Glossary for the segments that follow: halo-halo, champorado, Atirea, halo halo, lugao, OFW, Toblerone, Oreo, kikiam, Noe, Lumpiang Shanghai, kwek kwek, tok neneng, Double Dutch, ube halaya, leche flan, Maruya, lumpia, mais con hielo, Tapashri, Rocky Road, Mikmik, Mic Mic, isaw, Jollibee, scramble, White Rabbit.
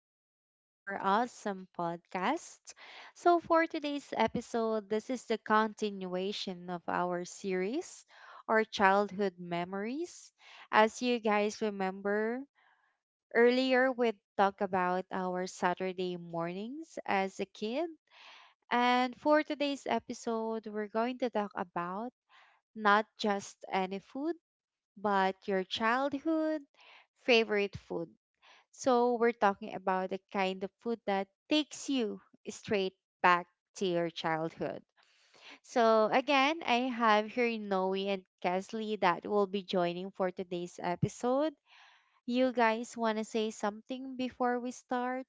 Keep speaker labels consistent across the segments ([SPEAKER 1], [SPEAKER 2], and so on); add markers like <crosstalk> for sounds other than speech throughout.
[SPEAKER 1] back to our awesome podcast. So, for today's episode, this is the continuation of our series, Our Childhood Memories. As you guys remember, earlier we talked about our Saturday mornings as a kid. And for today's episode, we're going to talk about not just any food, but your childhood favorite food. So, we're talking about the kind of food that takes you straight back to your childhood. So, again, I have here Noe and Kesley that will be joining for today's episode. You guys want to say something before we start?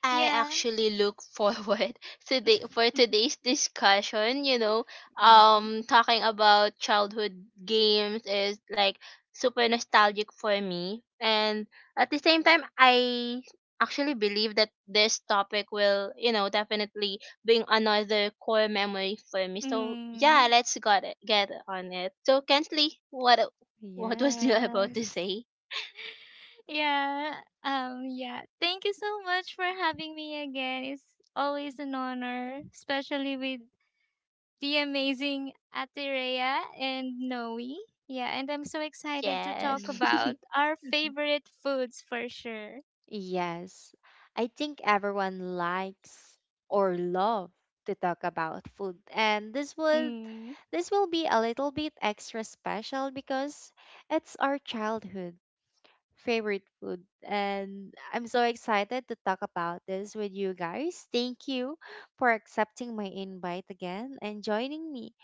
[SPEAKER 2] I
[SPEAKER 3] Yeah.
[SPEAKER 2] actually look forward <laughs> today for
[SPEAKER 3] <laughs>
[SPEAKER 2] today's discussion,
[SPEAKER 1] hmm
[SPEAKER 2] talking about childhood games is like super nostalgic for me, and at the same time I actually believe that this topic will, definitely bring another core memory for me. So, yeah,
[SPEAKER 3] Mm.
[SPEAKER 2] let's get on it. So, Kensley, what was <laughs> you about to
[SPEAKER 1] Yes.
[SPEAKER 2] say?
[SPEAKER 3] Yeah. Yeah. Thank you so much for having me again. It's always an honor, especially with the amazing Atirea and Noe. Yeah, and I'm so excited to talk
[SPEAKER 2] Yes.
[SPEAKER 1] hmm
[SPEAKER 3] about our
[SPEAKER 1] <laughs>
[SPEAKER 3] favorite foods for sure.
[SPEAKER 1] Yes, I think everyone likes or love to talk about food, and this would
[SPEAKER 3] Mm.
[SPEAKER 1] this will be a little bit extra special because it's our childhood favorite food and I'm so excited to talk about this with you guys. Thank you for accepting my invite again and joining me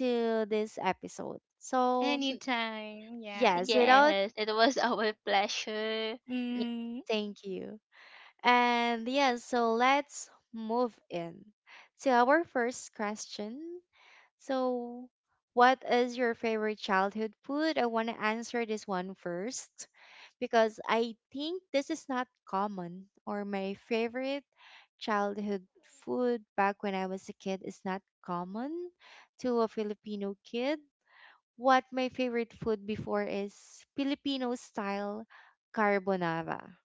[SPEAKER 1] to this episode. So,
[SPEAKER 2] <laughs>
[SPEAKER 3] Anytime. Yeah.
[SPEAKER 1] yes, without
[SPEAKER 2] Yes, it was <laughs> our pleasure.
[SPEAKER 1] yes,
[SPEAKER 3] Mm.
[SPEAKER 1] thank you. And yes, so let's move in to our first question. So, what is your favorite childhood food? I want to answer this one first because I think this is not common, or my favorite childhood food back when I was a kid is not common to a Filipino kid. What my favorite food before is Filipino style carbonara.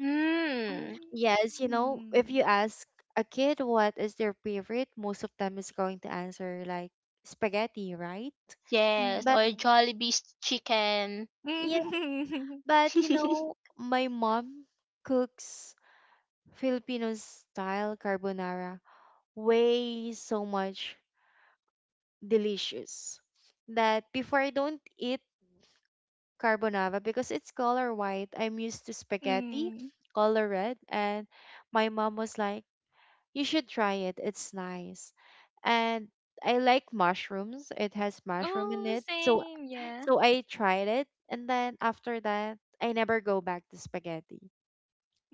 [SPEAKER 2] Hmm.
[SPEAKER 1] Yes, you know, if
[SPEAKER 3] Mm.
[SPEAKER 1] you ask a kid what is their favorite, most of them is going to answer like spaghetti, right?
[SPEAKER 2] Yes,
[SPEAKER 1] But
[SPEAKER 2] or
[SPEAKER 3] Mm. <laughs>
[SPEAKER 2] Jollibee's chicken.
[SPEAKER 1] yeah,
[SPEAKER 3] Mm.
[SPEAKER 1] but you
[SPEAKER 2] <laughs>
[SPEAKER 1] know, my mom cooks Filipino style carbonara way so much delicious that before I don't eat carbonara because it's color white, I'm used to spaghetti,
[SPEAKER 3] mm.
[SPEAKER 1] color red, and my mom was like, "You should try it. It's nice." And I like mushrooms. It has mushroom in
[SPEAKER 3] Oh,
[SPEAKER 1] it. So
[SPEAKER 3] same. Yeah.
[SPEAKER 1] so I tried it and then after that, I never go back to spaghetti.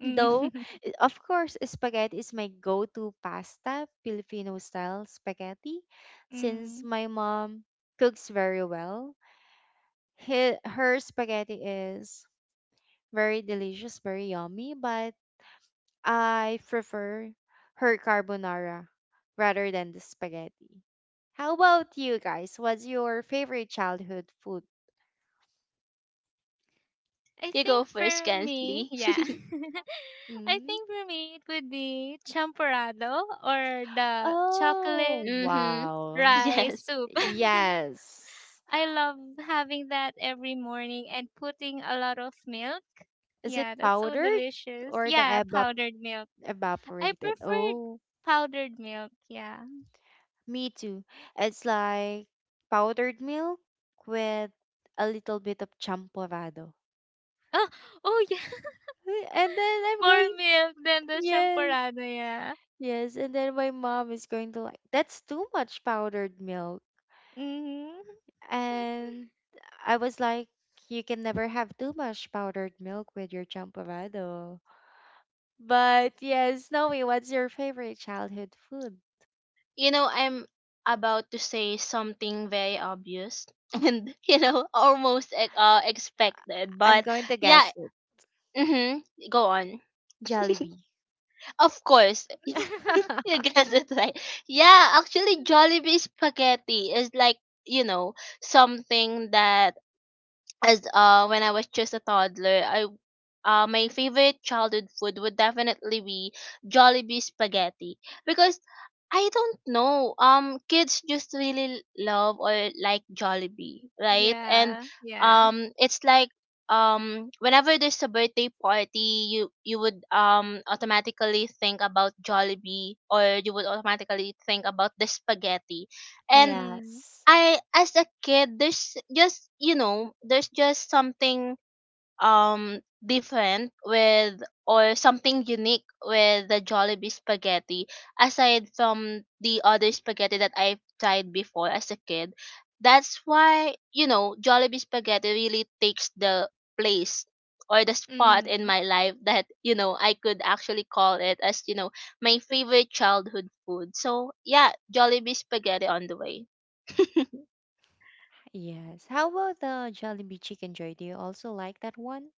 [SPEAKER 1] Though,
[SPEAKER 3] <laughs>
[SPEAKER 1] of course, spaghetti is my go to pasta, Filipino style spaghetti, since
[SPEAKER 3] mm.
[SPEAKER 1] my mom cooks very well. He, her spaghetti is very delicious, very yummy, but I prefer her carbonara rather than the spaghetti. How about you guys? What's your favorite childhood food?
[SPEAKER 3] I
[SPEAKER 2] You go
[SPEAKER 3] think
[SPEAKER 2] first,
[SPEAKER 3] for me,
[SPEAKER 2] Kensley.
[SPEAKER 3] yeah. <laughs> I
[SPEAKER 1] hmm
[SPEAKER 3] think for me it would be champorado or the chocolate
[SPEAKER 1] Oh,
[SPEAKER 2] Mm-hmm. <laughs>
[SPEAKER 1] wow.
[SPEAKER 3] rice
[SPEAKER 2] Yes.
[SPEAKER 3] soup. <laughs>
[SPEAKER 1] Yes.
[SPEAKER 3] I love having that every morning and putting a lot of milk.
[SPEAKER 1] Is it
[SPEAKER 3] Yeah, that's so
[SPEAKER 1] powdered
[SPEAKER 3] delicious.
[SPEAKER 1] or the
[SPEAKER 3] Yeah,
[SPEAKER 1] evap
[SPEAKER 3] powdered milk. I
[SPEAKER 1] evaporated?
[SPEAKER 3] preferred
[SPEAKER 1] Oh,
[SPEAKER 3] powdered milk, yeah.
[SPEAKER 1] me too. It's like powdered milk with a little bit of champorado.
[SPEAKER 3] Oh, oh yeah. <laughs>
[SPEAKER 1] <laughs> And then I'm
[SPEAKER 3] More
[SPEAKER 1] going,
[SPEAKER 3] milk than the
[SPEAKER 1] yes,
[SPEAKER 3] champorado, yeah.
[SPEAKER 1] yes. And then my mom is going to like, that's too much powdered milk.
[SPEAKER 3] Mhm.
[SPEAKER 1] And I was like, you can never have too much powdered milk with your champorado. But yes, Noe, what's your favorite childhood food?
[SPEAKER 2] You know, I'm about to say something very obvious <laughs> and, almost expected.
[SPEAKER 1] I'm
[SPEAKER 2] But,
[SPEAKER 1] going to
[SPEAKER 2] yeah,
[SPEAKER 1] guess it.
[SPEAKER 2] mm-hmm. Go on.
[SPEAKER 1] Jollibee.
[SPEAKER 2] Of course. <laughs>
[SPEAKER 3] <laughs>
[SPEAKER 2] You
[SPEAKER 1] <laughs>
[SPEAKER 2] guess it right. Yeah, actually, Jollibee spaghetti is like, you know, something that as when I was just a toddler, I my favorite childhood food would definitely be Jollibee spaghetti because I don't know, kids just really love or like Jollibee, right? And
[SPEAKER 3] yeah, yeah.
[SPEAKER 2] it's like whenever there's a birthday party, you would automatically think about Jollibee, or you would automatically think about the spaghetti, and
[SPEAKER 3] Mm,
[SPEAKER 1] Yes.
[SPEAKER 2] I, as a kid, there's just, there's just something different with, or something unique with the Jollibee spaghetti aside from the other spaghetti that I've tried before as a kid. That's why, Jollibee spaghetti really takes the place or the spot in
[SPEAKER 3] mm,
[SPEAKER 2] my life that, I could actually call it as, my favorite childhood food. So yeah, Jollibee spaghetti on the way.
[SPEAKER 1] Yes. How about the Jollibee Chicken Joy? Do you also like that one?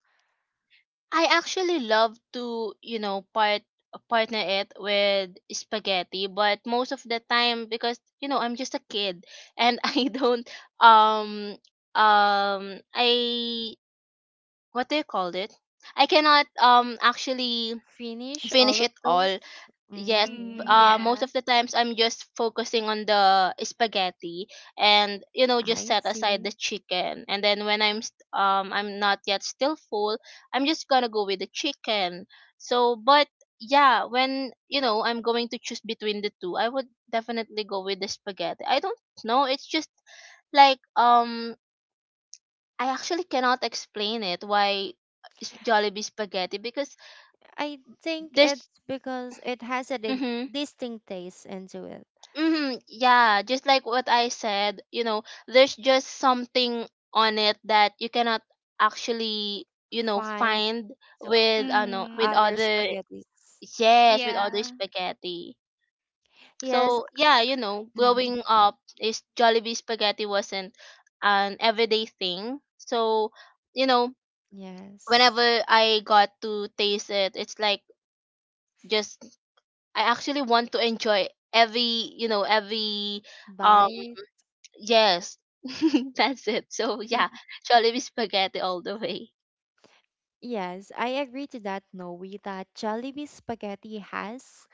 [SPEAKER 2] I actually love to, partner it with spaghetti, but most of the time, because, I'm just a kid, and <laughs> I don't, um um I, what do you call it? I cannot, actually
[SPEAKER 1] Finish
[SPEAKER 2] finish
[SPEAKER 1] all of
[SPEAKER 2] it all.
[SPEAKER 1] those?
[SPEAKER 2] Yes,
[SPEAKER 3] mm,
[SPEAKER 1] Mm,
[SPEAKER 2] most
[SPEAKER 3] yeah.
[SPEAKER 2] of the times I'm just focusing on the spaghetti, and, just
[SPEAKER 1] I
[SPEAKER 2] set aside
[SPEAKER 1] see.
[SPEAKER 2] the chicken. And then, when I'm not yet still full, I'm just gonna go with the chicken. So, but yeah, when, I'm going to choose between the two, I would definitely go with the spaghetti. I don't know, it's just like, I actually cannot explain it why Jollibee spaghetti, because
[SPEAKER 1] I think it's
[SPEAKER 2] there's...
[SPEAKER 1] because it has a
[SPEAKER 2] Mhm.
[SPEAKER 1] distinct taste into it.
[SPEAKER 2] Mm-hmm. Yeah, just like what I said, there's just something on it that you cannot actually,
[SPEAKER 1] Fine.
[SPEAKER 2] find
[SPEAKER 1] So
[SPEAKER 2] with ano
[SPEAKER 3] Mm,
[SPEAKER 2] with
[SPEAKER 1] other
[SPEAKER 2] other,
[SPEAKER 1] spaghettis.
[SPEAKER 2] yes, with other
[SPEAKER 3] yeah.
[SPEAKER 2] spaghetti.
[SPEAKER 1] Yes.
[SPEAKER 2] So yeah,
[SPEAKER 1] Mhm,
[SPEAKER 2] growing up is Jollibee spaghetti wasn't an everyday thing. So, you know,
[SPEAKER 1] yes.
[SPEAKER 2] whenever I got to taste it, it's like, just, I actually want to enjoy every, every.
[SPEAKER 1] Bye.
[SPEAKER 2] Yes, <laughs> that's it. So yeah,
[SPEAKER 1] <laughs>
[SPEAKER 2] Jollibee spaghetti all the way.
[SPEAKER 1] Yes, I agree to that, Noe, that Jollibee spaghetti has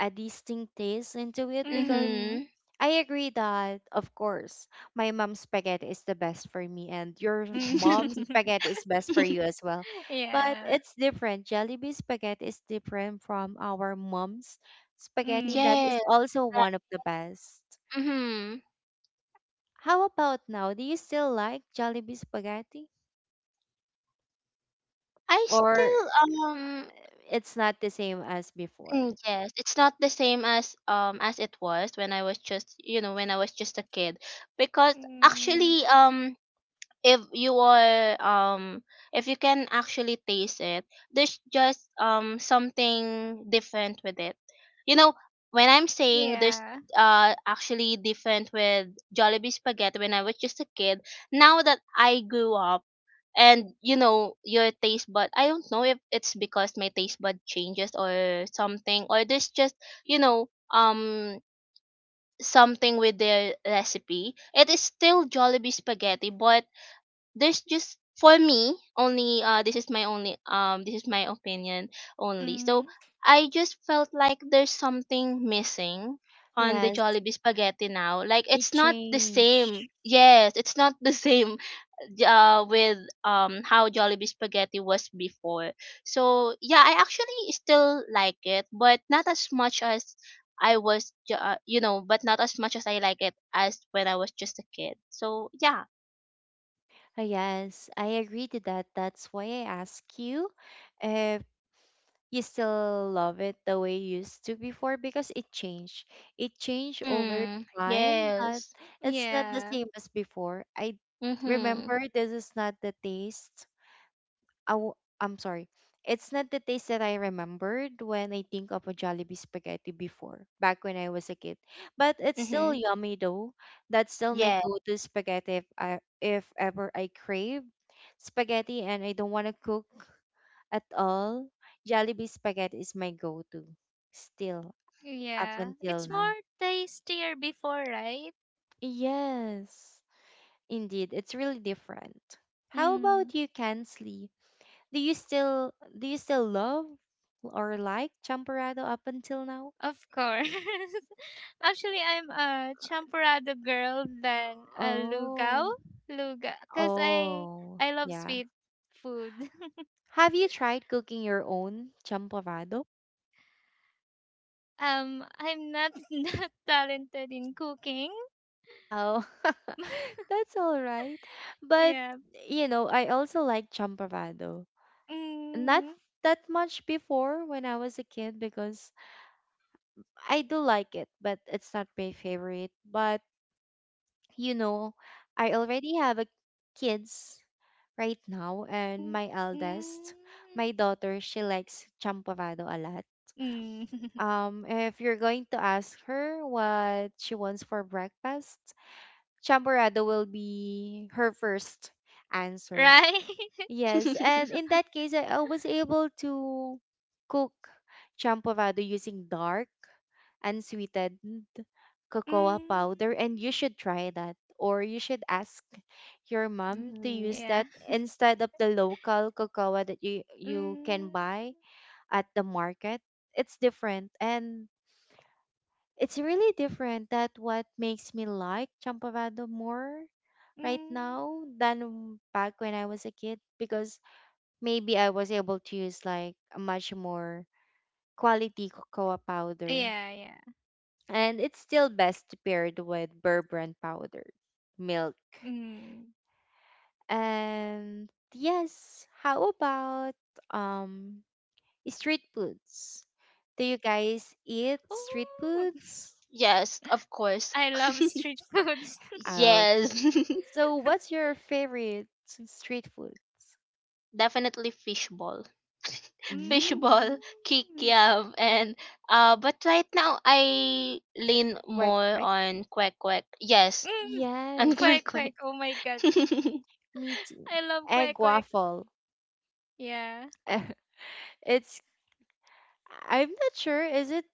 [SPEAKER 1] a distinct taste into it because
[SPEAKER 3] Mm,
[SPEAKER 2] Mhm.
[SPEAKER 1] I agree that, of course, my mom's spaghetti is the best for me, and your
[SPEAKER 3] mm.
[SPEAKER 1] mom's
[SPEAKER 2] <laughs>
[SPEAKER 3] <laughs>
[SPEAKER 1] spaghetti is best for you as well. But
[SPEAKER 3] Yeah.
[SPEAKER 1] it's different. Jollibee spaghetti is different from our mom's spaghetti. That
[SPEAKER 3] Mm,
[SPEAKER 1] is
[SPEAKER 2] Yes.
[SPEAKER 1] also one of the best.
[SPEAKER 2] Mhm.
[SPEAKER 1] How about now? Do you still like Jollibee spaghetti?
[SPEAKER 2] I
[SPEAKER 1] Or
[SPEAKER 2] still um
[SPEAKER 1] it's not the same as before?
[SPEAKER 2] yes, it's not the same as it was when I was just, a kid, because
[SPEAKER 3] mm,
[SPEAKER 2] actually, if you are if you can actually taste it, there's just, something different with it, you know when I'm saying there's
[SPEAKER 3] yeah.
[SPEAKER 2] actually different with Jollibee spaghetti when I was just a kid, now that I grew up, and, your taste bud, I don't know if it's because my taste bud changes or something, or there's just, you know um something with their recipe. It is still Jollibee spaghetti, but there's just, for me only, this is my opinion only. So
[SPEAKER 3] Mm,
[SPEAKER 2] I just felt like there's something missing on the
[SPEAKER 1] Yes,
[SPEAKER 2] Jollibee spaghetti now. Like,
[SPEAKER 1] it
[SPEAKER 2] it's not the
[SPEAKER 1] changed.
[SPEAKER 2] same, yes, it's not the same <laughs> with, how Jollibee spaghetti was before. So yeah, I actually still like it, but not as much as I was ju- you know but not as much as I like it as when I was just a kid. So yeah.
[SPEAKER 1] Yes, I agree to that. That's why I ask you if you still love it the way you used to before because it changed. It changed over
[SPEAKER 2] Mm,
[SPEAKER 1] time that
[SPEAKER 2] yes.
[SPEAKER 1] it's not the
[SPEAKER 3] yeah.
[SPEAKER 1] same as before. I
[SPEAKER 2] Mm-hmm.
[SPEAKER 1] remember this is not the taste. I w- I'm sorry. It's not the taste that I remembered when I think of a Jollibee spaghetti before, back when I was a kid. But it's still
[SPEAKER 2] Mm-hmm.
[SPEAKER 1] yummy though. That's still my
[SPEAKER 2] Yeah.
[SPEAKER 1] go-to spaghetti if ever I crave spaghetti and I don't want to cook at all, Jollibee spaghetti is my go-to still up
[SPEAKER 3] Yeah.
[SPEAKER 1] until
[SPEAKER 3] It's
[SPEAKER 1] now.
[SPEAKER 3] more tastier before, right?
[SPEAKER 1] Yes, indeed, it's really different. How about
[SPEAKER 3] Mm,
[SPEAKER 1] you, Kansley? Do you still love or like champorado up until now?
[SPEAKER 3] of course. <laughs> Actually, I'm a champorado girl than a lugao.
[SPEAKER 1] Oh,
[SPEAKER 3] Luga, because I
[SPEAKER 1] oh,
[SPEAKER 3] I love
[SPEAKER 1] yeah.
[SPEAKER 3] sweet food.
[SPEAKER 1] Have you tried cooking your own champorado?
[SPEAKER 3] I'm not <laughs> not talented in cooking.
[SPEAKER 1] Oh, <laughs> that's all right. But
[SPEAKER 3] Yeah.
[SPEAKER 1] you know, I also like champorado. Not
[SPEAKER 3] Mm,
[SPEAKER 1] that much before when I was a kid because I do like it, but it's not my favorite. But you know, I already have a kids right now and
[SPEAKER 3] mm,
[SPEAKER 1] my eldest, my
[SPEAKER 3] mm,
[SPEAKER 1] daughter, she likes champorado a lot.
[SPEAKER 3] mm. <laughs>
[SPEAKER 1] If you're going to ask her what she wants for breakfast, champorado will be her first answer.
[SPEAKER 3] Right? <laughs>
[SPEAKER 1] Yes, and
[SPEAKER 2] <laughs>
[SPEAKER 1] in that case, I was able to cook champorado using dark, unsweetened cocoa
[SPEAKER 3] Mm,
[SPEAKER 1] powder, and you should try that. Or you should ask your mom to
[SPEAKER 2] Hmm.
[SPEAKER 1] use
[SPEAKER 3] yeah.
[SPEAKER 1] that instead of the local cocoa that you can
[SPEAKER 3] Mm,
[SPEAKER 1] buy at the market. It's different, and it's really different. That what makes me like champorado more right now
[SPEAKER 3] mm.
[SPEAKER 1] than back when I was a kid because maybe I was able to use like a much more quality cocoa powder.
[SPEAKER 3] Yeah, yeah.
[SPEAKER 1] And it's still best paired with Burbrand powder, milk.
[SPEAKER 3] Mm.
[SPEAKER 1] And yes, how about um street foods? Do you guys eat street
[SPEAKER 3] Oh,
[SPEAKER 1] foods?
[SPEAKER 2] Yes, of
[SPEAKER 3] <laughs>
[SPEAKER 2] course.
[SPEAKER 3] I love street food. <laughs>
[SPEAKER 1] Okay.
[SPEAKER 2] Yes. <laughs>
[SPEAKER 1] So what's your favorite street foods?
[SPEAKER 2] Definitely fishball. <laughs>
[SPEAKER 3] mm,
[SPEAKER 2] Fishball,
[SPEAKER 1] Mm,
[SPEAKER 3] mm.
[SPEAKER 2] kikiam, and but right now I lean
[SPEAKER 1] correct,
[SPEAKER 2] more
[SPEAKER 1] correct.
[SPEAKER 2] on quack quack. Yes, and <laughs>
[SPEAKER 1] Yes,
[SPEAKER 2] quack
[SPEAKER 3] Quack
[SPEAKER 2] quack.
[SPEAKER 3] quack. Oh my god.
[SPEAKER 2] <laughs>
[SPEAKER 1] me too.
[SPEAKER 3] I love
[SPEAKER 1] Egg
[SPEAKER 3] quack quack.
[SPEAKER 1] waffle.
[SPEAKER 3] Yeah.
[SPEAKER 1] <laughs> It's I'm not sure. Is it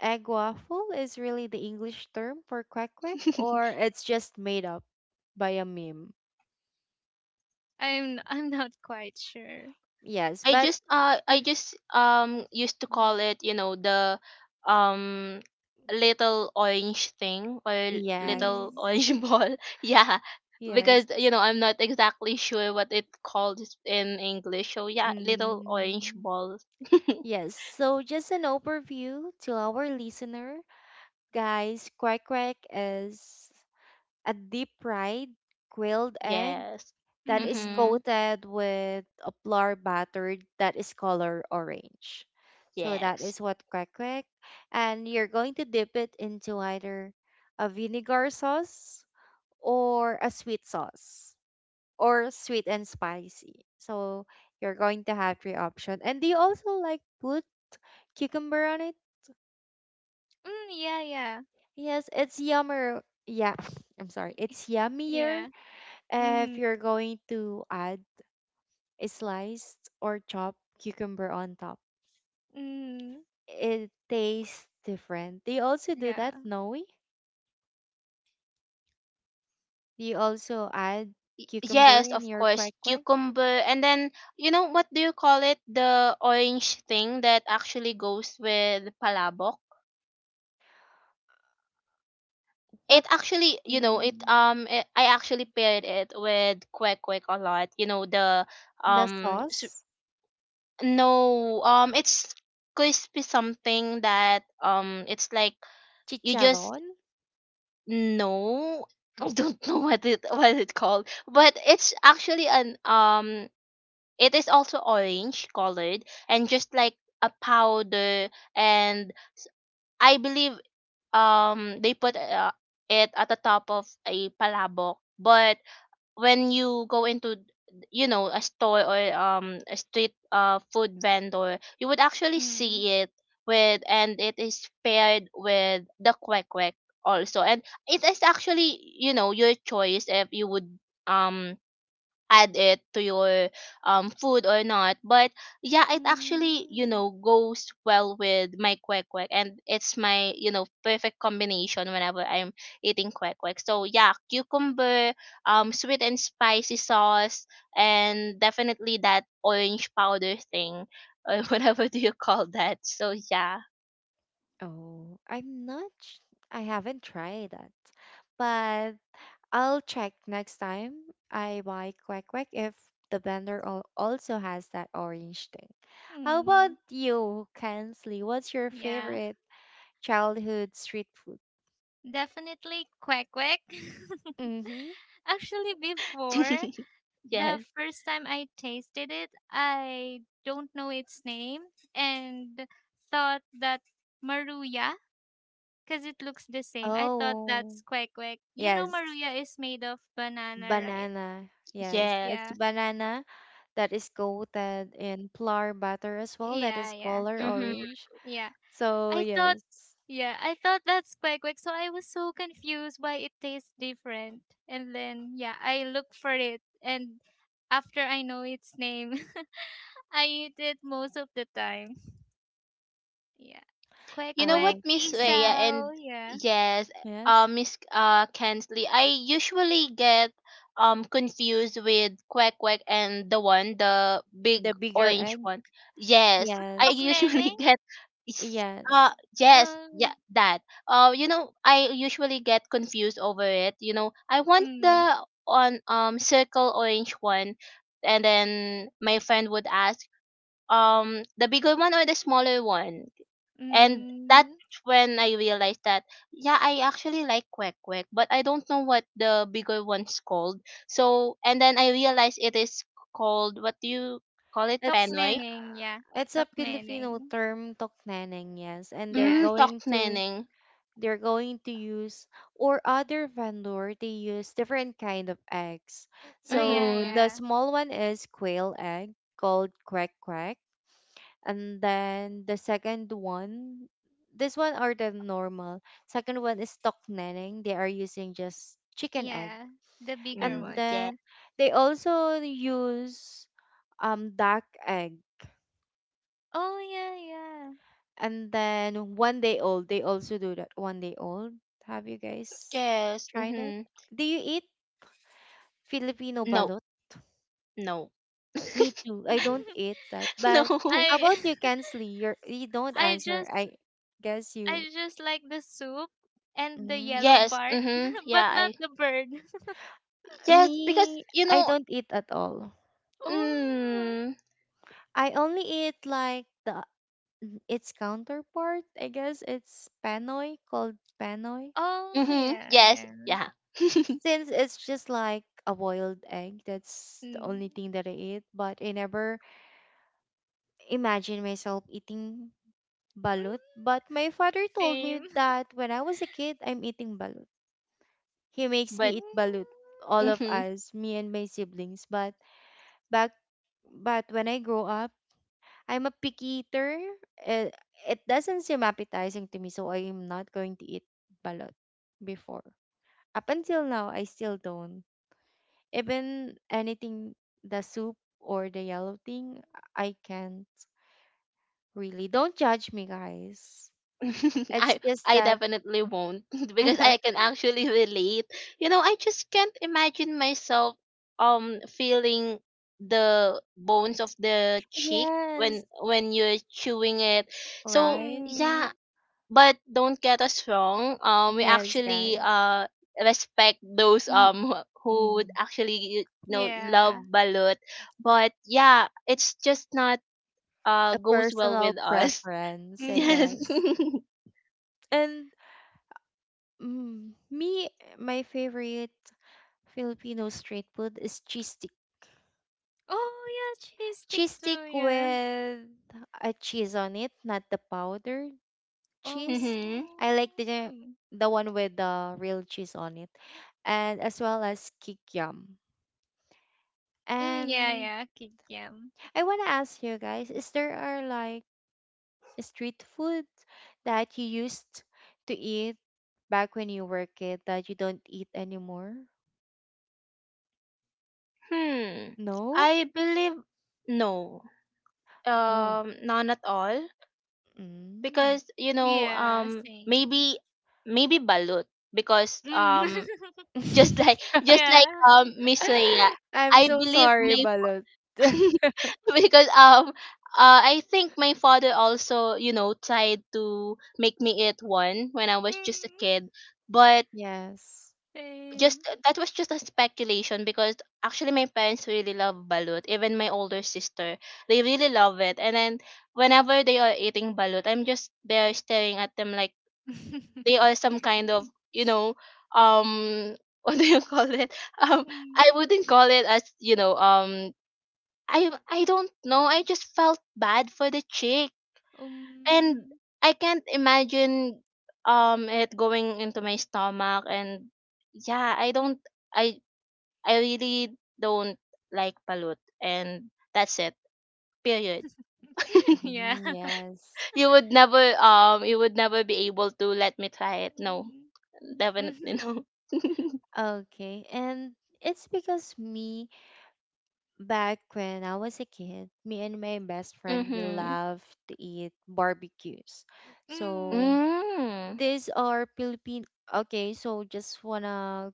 [SPEAKER 1] egg waffle is really the English term for quack quack, or it's just made up by a meme?
[SPEAKER 3] I'm not quite sure.
[SPEAKER 1] Yes, but
[SPEAKER 2] I just used to call it, the um little orange thing, or
[SPEAKER 1] yes,
[SPEAKER 2] little
[SPEAKER 3] Mm,
[SPEAKER 2] orange <laughs> ball. Yeah. Because,
[SPEAKER 1] yes.
[SPEAKER 2] I'm not exactly sure what it called in English. So yeah, little orange
[SPEAKER 1] Mm.
[SPEAKER 2] ball. <laughs>
[SPEAKER 1] Yes, so just an overview to our listener. Guys, quack quack is a deep fried grilled egg
[SPEAKER 2] Yes.
[SPEAKER 1] that is
[SPEAKER 3] mm.
[SPEAKER 2] Mhm.
[SPEAKER 1] coated with a flour batter that is color orange. So that
[SPEAKER 2] Yes.
[SPEAKER 1] is what kwek kwek. And you're going to dip it into either a vinegar sauce or a sweet sauce or sweet and spicy. So you're going to have three options. And do you also like put cucumber on it?
[SPEAKER 3] Mm, yeah, yeah.
[SPEAKER 1] Yes, it's yummer. Yeah, <sniffs> I'm sorry. It's yummier
[SPEAKER 3] Yeah.
[SPEAKER 1] if
[SPEAKER 3] Mm-hmm.
[SPEAKER 1] you're going to add a sliced or chopped cucumber on top.
[SPEAKER 3] Mm,
[SPEAKER 1] It tastes different. Do you also do
[SPEAKER 3] yeah.
[SPEAKER 1] that, Noe? Do you also add
[SPEAKER 2] Y-
[SPEAKER 1] cucumber
[SPEAKER 2] Yes,
[SPEAKER 1] in
[SPEAKER 2] of
[SPEAKER 1] your
[SPEAKER 2] course,
[SPEAKER 1] quack quack?
[SPEAKER 2] cucumber. And then, what do you call it? The orange thing that actually goes with palabok. It
[SPEAKER 1] What
[SPEAKER 2] actually, it
[SPEAKER 1] mm,
[SPEAKER 2] it, I actually paired it with Quack Quack a lot. You know the
[SPEAKER 1] the
[SPEAKER 2] um s-
[SPEAKER 1] sauce?
[SPEAKER 2] no it's crispy something that, it's like, you just
[SPEAKER 1] Chicharron?
[SPEAKER 2] know, <laughs> I don't know what it called, but it's actually an it is also orange colored, and just like a powder. And I believe they put it at the top of a palabok, but when you go into, a store, or, a street food vendor, you would actually
[SPEAKER 3] Mm.
[SPEAKER 2] see it with, and it is paired with the kwek kwek also. And it is actually, your choice if you would um add it to your food or not. But yeah, it actually,
[SPEAKER 3] Mm.
[SPEAKER 2] goes well with my kwek kwek, and it's my, perfect combination whenever I'm eating kwek kwek. So yeah, cucumber, sweet and spicy sauce, and definitely that orange powder thing, or <laughs> whatever do you call that. So yeah.
[SPEAKER 1] Oh, I'm not. I haven't tried that, but I'll check next time I buy quack quack if the blender also has that orange thing. How about
[SPEAKER 3] Mm.
[SPEAKER 1] you, Kensley? What's your
[SPEAKER 3] Yeah.
[SPEAKER 1] favorite? Childhood street food.
[SPEAKER 3] Definitely quack quack. <laughs>
[SPEAKER 1] Mm-hmm.
[SPEAKER 3] Actually,
[SPEAKER 2] <laughs>
[SPEAKER 3] before
[SPEAKER 2] Yes, yeah,
[SPEAKER 3] the first time I tasted it, I don't know its name and thought that Maruya, because it looks the same. I thought
[SPEAKER 1] Oh,
[SPEAKER 3] that's quack quack. You know,
[SPEAKER 1] yes.
[SPEAKER 3] Maruya is made of banana, right?
[SPEAKER 1] Banana. Yes.
[SPEAKER 2] yeah.
[SPEAKER 1] It's
[SPEAKER 3] Yeah.
[SPEAKER 1] banana that is coated in flour butter as well, that
[SPEAKER 3] Yeah,
[SPEAKER 1] is
[SPEAKER 3] yeah,
[SPEAKER 1] color
[SPEAKER 2] Mhm.
[SPEAKER 1] orange.
[SPEAKER 3] yeah.
[SPEAKER 1] So,
[SPEAKER 3] I thought,
[SPEAKER 1] yes.
[SPEAKER 3] yeah, I thought that's quite quick. So I was so confused why it tastes different. And then, yeah, I look for it. And after I know its name, <laughs> I eat it most of the time. Yeah. Kwek
[SPEAKER 2] You know what,
[SPEAKER 3] kwek,
[SPEAKER 1] Uh,
[SPEAKER 2] Miss Rhea,
[SPEAKER 1] mm,
[SPEAKER 2] and
[SPEAKER 3] isaw, yeah.
[SPEAKER 2] yes,
[SPEAKER 1] yes.
[SPEAKER 2] Miss Kensley, I usually get confused with Quack Quack and the one, the
[SPEAKER 1] The
[SPEAKER 2] big
[SPEAKER 1] bigger
[SPEAKER 2] orange
[SPEAKER 1] egg.
[SPEAKER 2] one. Yes, I
[SPEAKER 3] Tok
[SPEAKER 1] Yes.
[SPEAKER 2] usually
[SPEAKER 3] neneng?
[SPEAKER 2] <laughs> get is-
[SPEAKER 1] Yes.
[SPEAKER 2] uh yes, yeah,
[SPEAKER 3] Um,
[SPEAKER 2] that. I usually get confused over it. You know, I want
[SPEAKER 3] mm,
[SPEAKER 2] the on, circle orange one, and then my friend would ask, the bigger one or the smaller one? And that's
[SPEAKER 3] mm.
[SPEAKER 2] when I realized that, yeah, I actually like Quack Quack, but I don't know what the bigger one's called. So, and then I realized it is called, what do you call it?
[SPEAKER 3] Tok
[SPEAKER 1] It's
[SPEAKER 2] Panoy?
[SPEAKER 3] neneng, yeah.
[SPEAKER 1] it's a
[SPEAKER 3] Tok neneng.
[SPEAKER 1] Filipino term, tokneneng, yes. And they're
[SPEAKER 3] Yeah,
[SPEAKER 2] Mm,
[SPEAKER 3] yeah.
[SPEAKER 1] going
[SPEAKER 2] Tok
[SPEAKER 1] to
[SPEAKER 2] Neneng.
[SPEAKER 1] use or other vendor they use different kind of eggs
[SPEAKER 3] Oh, yeah,
[SPEAKER 1] so
[SPEAKER 2] Mm-hmm.
[SPEAKER 1] the
[SPEAKER 3] yeah.
[SPEAKER 1] small one is quail egg called quack quack and then the second one this one are the normal second one is stock nanning they are using just chicken egg
[SPEAKER 3] Yeah. The bigger
[SPEAKER 1] and
[SPEAKER 2] Mm,
[SPEAKER 3] one,
[SPEAKER 2] yeah.
[SPEAKER 3] yeah.
[SPEAKER 1] then they also use duck egg
[SPEAKER 3] Oh, yeah, yeah.
[SPEAKER 1] and then one day old they also do that one day old. Have you guys
[SPEAKER 2] Yes.
[SPEAKER 1] tried it?
[SPEAKER 2] Mm-hmm.
[SPEAKER 1] Do you eat Filipino
[SPEAKER 2] No.
[SPEAKER 1] balut?
[SPEAKER 2] No. <laughs>
[SPEAKER 1] Me too. I don't eat that. But
[SPEAKER 3] <laughs>
[SPEAKER 2] No.
[SPEAKER 1] how
[SPEAKER 3] I
[SPEAKER 1] about you, Kensley? You're, you don't
[SPEAKER 3] I
[SPEAKER 1] answer.
[SPEAKER 3] just
[SPEAKER 1] I guess you.
[SPEAKER 3] I just like the soup and the yellow
[SPEAKER 1] Mm.
[SPEAKER 2] Yes.
[SPEAKER 3] part,
[SPEAKER 2] Mm-hmm.
[SPEAKER 3] <laughs>
[SPEAKER 2] Yeah,
[SPEAKER 3] but not
[SPEAKER 2] I.
[SPEAKER 3] the bird. <laughs>
[SPEAKER 2] Yes, because,
[SPEAKER 1] Me, I don't eat at all.
[SPEAKER 3] Oh,
[SPEAKER 2] mm,
[SPEAKER 1] I only eat like the its counterpart. I guess it's panoy called panoy.
[SPEAKER 3] oh
[SPEAKER 2] mm-hmm.
[SPEAKER 3] yeah,
[SPEAKER 2] Yes.
[SPEAKER 3] yeah.
[SPEAKER 2] Yeah. <laughs>
[SPEAKER 1] Since it's just like a boiled egg, that's the
[SPEAKER 3] Mm.
[SPEAKER 1] only thing that I eat. But I never imagine myself eating balut.
[SPEAKER 3] Mm,
[SPEAKER 1] But my father told
[SPEAKER 3] same.
[SPEAKER 1] me that when I was a kid, I'm eating balut. He makes
[SPEAKER 2] But,
[SPEAKER 1] me eat balut,
[SPEAKER 3] <laughs>
[SPEAKER 1] all of
[SPEAKER 2] mm-hmm.
[SPEAKER 1] us, me and my siblings. But back but when I grow up, I'm a picky eater. It, it doesn't seem appetizing to me, so I am not going to eat balut before. Up until now, I still don't. Even anything, the soup or the yellow thing, I can't really. Don't judge me, guys.
[SPEAKER 2] <laughs>
[SPEAKER 1] It's
[SPEAKER 2] I
[SPEAKER 1] just
[SPEAKER 2] I
[SPEAKER 1] that,
[SPEAKER 2] definitely won't <laughs> because I can
[SPEAKER 1] <laughs>
[SPEAKER 2] actually relate. You know, I just can't imagine myself feeling the bones of the cheek when
[SPEAKER 1] yes,
[SPEAKER 2] when you're chewing it. So
[SPEAKER 1] right?
[SPEAKER 3] Mm, mm,
[SPEAKER 2] yeah, but don't get us wrong. We
[SPEAKER 1] Yes,
[SPEAKER 2] actually
[SPEAKER 1] guys.
[SPEAKER 2] respect those
[SPEAKER 1] Ye-
[SPEAKER 2] who would
[SPEAKER 1] mhm.
[SPEAKER 2] actually,
[SPEAKER 3] yeah.
[SPEAKER 2] love balut, but yeah, it's just not
[SPEAKER 1] A
[SPEAKER 2] goes well with
[SPEAKER 1] personal
[SPEAKER 2] us. <laughs>
[SPEAKER 1] preference, I
[SPEAKER 2] Yes.
[SPEAKER 3] Mm.
[SPEAKER 1] guess. And mm, me, my favorite Filipino street food is cheese stick.
[SPEAKER 3] Oh yeah, cheese stick
[SPEAKER 1] Cheese stick
[SPEAKER 3] too. Yeah.
[SPEAKER 1] with a cheese on it, not the powdered
[SPEAKER 2] <laughs>
[SPEAKER 1] cheese.
[SPEAKER 2] Mm-hmm.
[SPEAKER 1] I like
[SPEAKER 3] Oh.
[SPEAKER 1] the one with the real cheese on it, and as well as kikiam.
[SPEAKER 3] Mm, yeah,
[SPEAKER 1] And
[SPEAKER 3] yeah. Kikiam.
[SPEAKER 1] I wanna ask you guys, is there are like street food that you used to eat back when you were a kid that you don't eat anymore?
[SPEAKER 2] Hmm.
[SPEAKER 1] No?
[SPEAKER 2] I believe no.
[SPEAKER 1] Oh.
[SPEAKER 2] None at all.
[SPEAKER 1] Mm.
[SPEAKER 2] Because,
[SPEAKER 3] Yeah, same.
[SPEAKER 2] maybe balut. Because
[SPEAKER 3] Mm,
[SPEAKER 2] <laughs> just like
[SPEAKER 3] <laughs>
[SPEAKER 1] <laughs>
[SPEAKER 2] just like
[SPEAKER 3] yeah.
[SPEAKER 2] Miss Rhea,
[SPEAKER 1] I'm
[SPEAKER 2] I
[SPEAKER 1] so
[SPEAKER 2] believe
[SPEAKER 1] sorry, Balot. <laughs>
[SPEAKER 2] <laughs> because I think my father also, tried to make me eat one when I was just a
[SPEAKER 3] Mm,
[SPEAKER 2] kid, but
[SPEAKER 1] Yes.
[SPEAKER 3] same.
[SPEAKER 2] just that was just a speculation, because actually my parents really love balut. Even my older sister, they really love it, and then whenever they are eating balut, I'm just there staring at them, like they are some
[SPEAKER 3] <laughs>
[SPEAKER 2] kind of, you know um <laughs> what do you call it, um I
[SPEAKER 3] mm.
[SPEAKER 2] wouldn't call it as, I don't know, I just felt bad for the chick. And
[SPEAKER 3] Um,
[SPEAKER 2] I can't imagine it going into my stomach, and yeah, I I really don't like balut, and that's it. Period. <laughs>
[SPEAKER 3] <laughs> yeah.
[SPEAKER 1] Mm, yes.
[SPEAKER 2] You would never be able to let me try it. No.
[SPEAKER 3] Mm,
[SPEAKER 2] Definitely
[SPEAKER 3] mhm,
[SPEAKER 2] no. <laughs>
[SPEAKER 1] Okay. And it's because me, back when I was a kid, me and my best friend, we
[SPEAKER 2] Mhm.
[SPEAKER 1] love to eat barbecues. So
[SPEAKER 2] Mm.
[SPEAKER 1] these are Philippine. Okay, so just wanna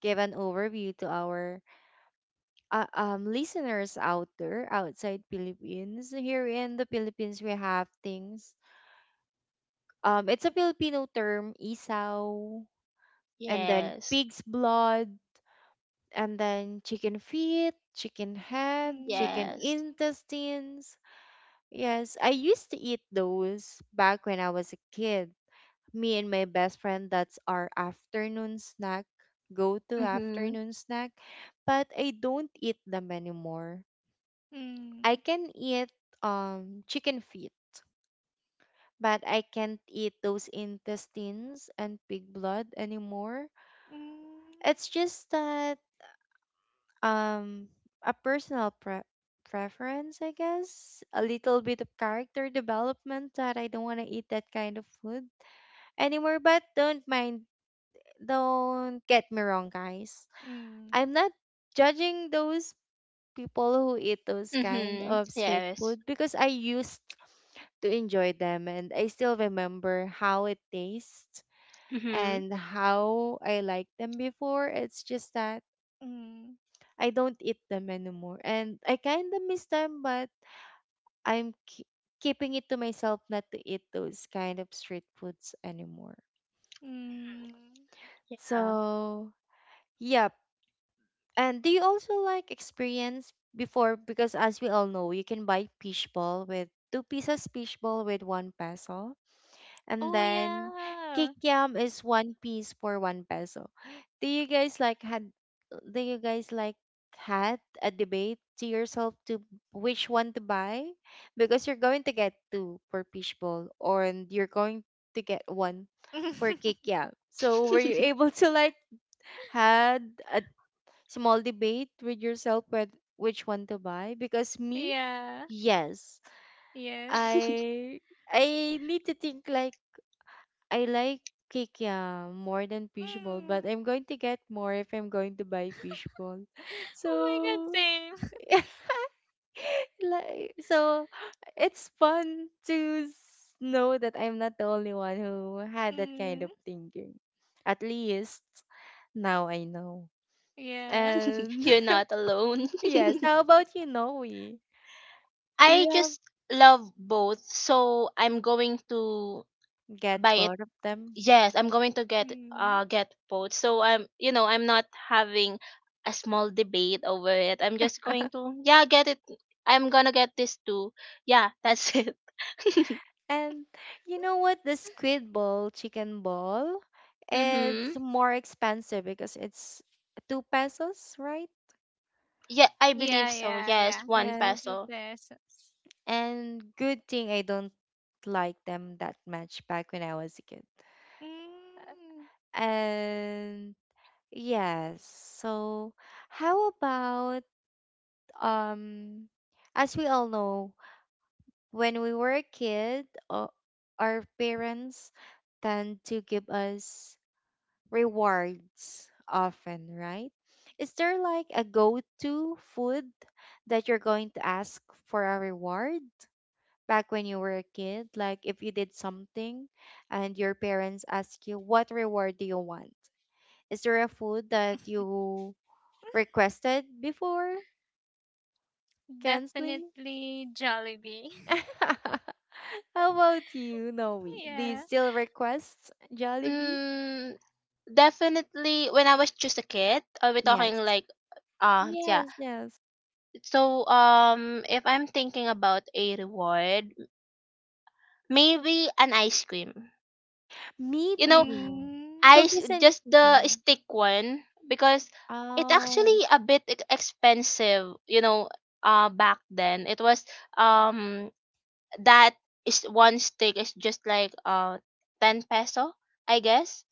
[SPEAKER 1] give an overview to our listeners out there outside Philippines. Here in the Philippines, we have things. It's a Filipino term, isaw, and then
[SPEAKER 2] Yes.
[SPEAKER 1] pig's blood, and then chicken feet, chicken head, chicken
[SPEAKER 2] Yes.
[SPEAKER 1] intestines. Yes, I used to eat those back when I was a kid. Me and my best friend, that's our afternoon snack go to
[SPEAKER 2] Mhm.
[SPEAKER 1] afternoon snack. But I don't eat them anymore.
[SPEAKER 3] mm,
[SPEAKER 1] I
[SPEAKER 3] mm,
[SPEAKER 1] can eat chicken feet, but I can't eat those intestines and pig blood anymore.
[SPEAKER 3] mm,
[SPEAKER 1] It's just that, um a personal preference, I guess. A little bit of character development that I don't want to eat that kind of food anymore. But don't get me wrong, guys.
[SPEAKER 3] mm, mm,
[SPEAKER 1] I'm not judging those people who eat those kind
[SPEAKER 2] Mhm.
[SPEAKER 1] of street
[SPEAKER 2] Yes.
[SPEAKER 1] food because I used to enjoy them, and I still remember how it tastes
[SPEAKER 2] Mhm.
[SPEAKER 1] and how I liked them before. It's just that
[SPEAKER 3] mm,
[SPEAKER 1] I don't eat them anymore and I kind of miss them, but I'm ke- keeping it to myself not to eat those kind of street foods anymore.
[SPEAKER 3] mm.
[SPEAKER 2] Yeah.
[SPEAKER 1] So, yep. And do you also like experience before? Because as we all know, you can buy fish ball with two pieces fish ball with 1 peso, and
[SPEAKER 3] Oh
[SPEAKER 1] then cake
[SPEAKER 3] yeah.
[SPEAKER 1] yam is one piece for 1 peso. Do you guys like had? Do you guys like had a debate to yourself to which one to buy? Because you're going to get two for fish ball, or and you're going to get one for cake
[SPEAKER 3] <laughs>
[SPEAKER 1] yam. So were you able to like had a small debate with yourself with which one to buy? Because me,
[SPEAKER 3] yeah.
[SPEAKER 1] yes,
[SPEAKER 3] Yes.
[SPEAKER 2] <laughs>
[SPEAKER 1] i I need to think, like, I like kikya more than fishball, but
[SPEAKER 3] Mm.
[SPEAKER 1] I'm going to get more if I'm going to buy fishball. <laughs>
[SPEAKER 3] Oh my God.
[SPEAKER 1] So
[SPEAKER 3] Same. <laughs>
[SPEAKER 1] <laughs> like, so it's fun to know that I'm not the only one who had that kind
[SPEAKER 3] Mm.
[SPEAKER 1] of thinking. At least now I know.
[SPEAKER 3] Yeah.
[SPEAKER 1] And
[SPEAKER 2] You're not alone.
[SPEAKER 1] <laughs> yes, how about you, Noe?
[SPEAKER 2] <laughs>
[SPEAKER 1] Do
[SPEAKER 2] I
[SPEAKER 1] you
[SPEAKER 2] just love both, so I'm going to
[SPEAKER 1] have get
[SPEAKER 2] buy it.
[SPEAKER 1] bored of them?
[SPEAKER 2] Yes, I'm going to
[SPEAKER 3] <laughs>
[SPEAKER 2] get
[SPEAKER 3] mm.
[SPEAKER 2] uh get both. So I'm you know I'm not having a small debate over it. I'm just going to, yeah, get it. I'm gonna get this too. Yeah, that's <laughs> it.
[SPEAKER 1] And you know what? The squid ball, chicken ball,
[SPEAKER 2] Mm-hmm.
[SPEAKER 1] it's more expensive because it's 2 pesos, right?
[SPEAKER 2] Yeah, I believe
[SPEAKER 3] Yeah.
[SPEAKER 2] so.
[SPEAKER 3] Yeah. Yeah.
[SPEAKER 2] Yes, one
[SPEAKER 1] Yes.
[SPEAKER 3] Two
[SPEAKER 2] peso.
[SPEAKER 3] pesos.
[SPEAKER 1] And good thing I don't like them that much back when I was a kid.
[SPEAKER 3] Mm.
[SPEAKER 1] And yes, so how about, um as we all know, when we were a kid, our parents tend to give us rewards often, right? Is there like a go to food that you're going to ask for a reward back when you were a kid? Like if you did something and your parents ask you, what reward do you want? Is there a food that you requested before, Kensley?
[SPEAKER 3] Definitely Jollibee.
[SPEAKER 1] <laughs> How about you, Noe?
[SPEAKER 3] <laughs>
[SPEAKER 1] Do you
[SPEAKER 3] yeah.
[SPEAKER 1] still request Jollibee?
[SPEAKER 2] mm, Definitely when I was just a kid. Are we talking
[SPEAKER 1] Yes.
[SPEAKER 2] like? Yeah.
[SPEAKER 1] Yes, yes.
[SPEAKER 2] So, if I'm thinking about a reward, maybe an ice cream
[SPEAKER 1] Me
[SPEAKER 2] you know
[SPEAKER 1] too.
[SPEAKER 3] Mm.
[SPEAKER 1] Cookies and
[SPEAKER 2] just the
[SPEAKER 1] cream.
[SPEAKER 2] stick one, because it
[SPEAKER 1] Oh,
[SPEAKER 2] actually a bit expensive, back then. It was, um that is, one stick is just like, 10 peso, I guess.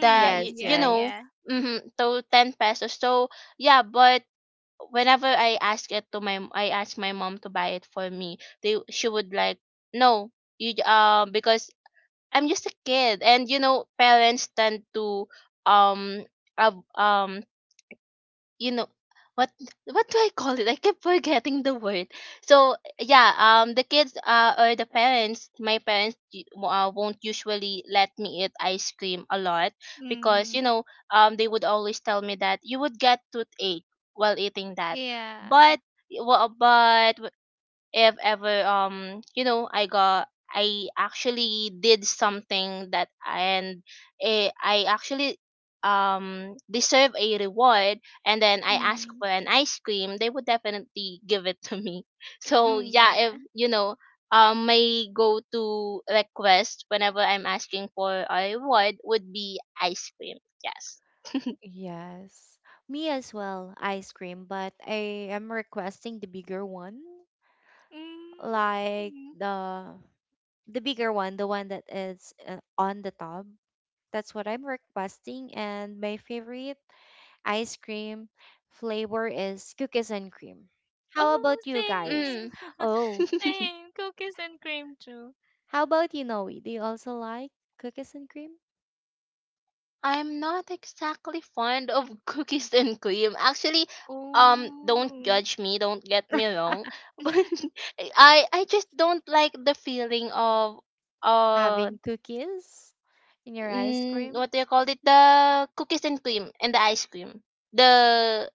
[SPEAKER 2] That
[SPEAKER 1] yes,
[SPEAKER 2] you
[SPEAKER 3] yeah,
[SPEAKER 1] yes,
[SPEAKER 2] know,
[SPEAKER 3] yeah.
[SPEAKER 2] Mm-hmm, so 10 pesos. So yeah, but whenever I ask my mom to buy it for me, they she would like, no, because I'm just a kid. And, parents tend to um av- um you know what what do I call it? I keep forgetting the word. So yeah, the kids or the parents, my parents won't usually let me eat ice cream a lot because
[SPEAKER 3] Mm.
[SPEAKER 2] they would always tell me that you would get toothache while eating that,
[SPEAKER 3] Yeah.
[SPEAKER 2] but. Well, but if ever I actually did something that and eh, I actually deserve a reward, and then I ask
[SPEAKER 3] Mm.
[SPEAKER 2] for an ice cream they would definitely give it to me <laughs> so
[SPEAKER 3] Mm,
[SPEAKER 2] yeah
[SPEAKER 3] yeah.
[SPEAKER 2] if you know my go-to request whenever I'm asking for a reward would be ice cream. Yes.
[SPEAKER 1] yes. Me as well, ice cream, but I am requesting the bigger one, like
[SPEAKER 3] Mm.
[SPEAKER 1] the bigger one, the one that is on the top. That's what I'm requesting, and my favorite ice cream flavor is cookies and cream. How
[SPEAKER 3] Oh,
[SPEAKER 1] about you guys?
[SPEAKER 3] same.
[SPEAKER 2] Mm.
[SPEAKER 3] <laughs>
[SPEAKER 1] Oh,
[SPEAKER 2] <laughs>
[SPEAKER 3] Same. Cookies and cream too.
[SPEAKER 1] how about you, Noe? Do you also like cookies and cream?
[SPEAKER 2] I'm not exactly fond of <laughs> cookies and cream. Actually, don't
[SPEAKER 3] Oh.
[SPEAKER 2] judge me. Don't get me wrong, <laughs> but
[SPEAKER 3] <laughs>
[SPEAKER 2] I just don't like the feeling of uh
[SPEAKER 1] Having cookies in your ice cream.
[SPEAKER 2] what do you call it? The cookies and cream and the ice cream. The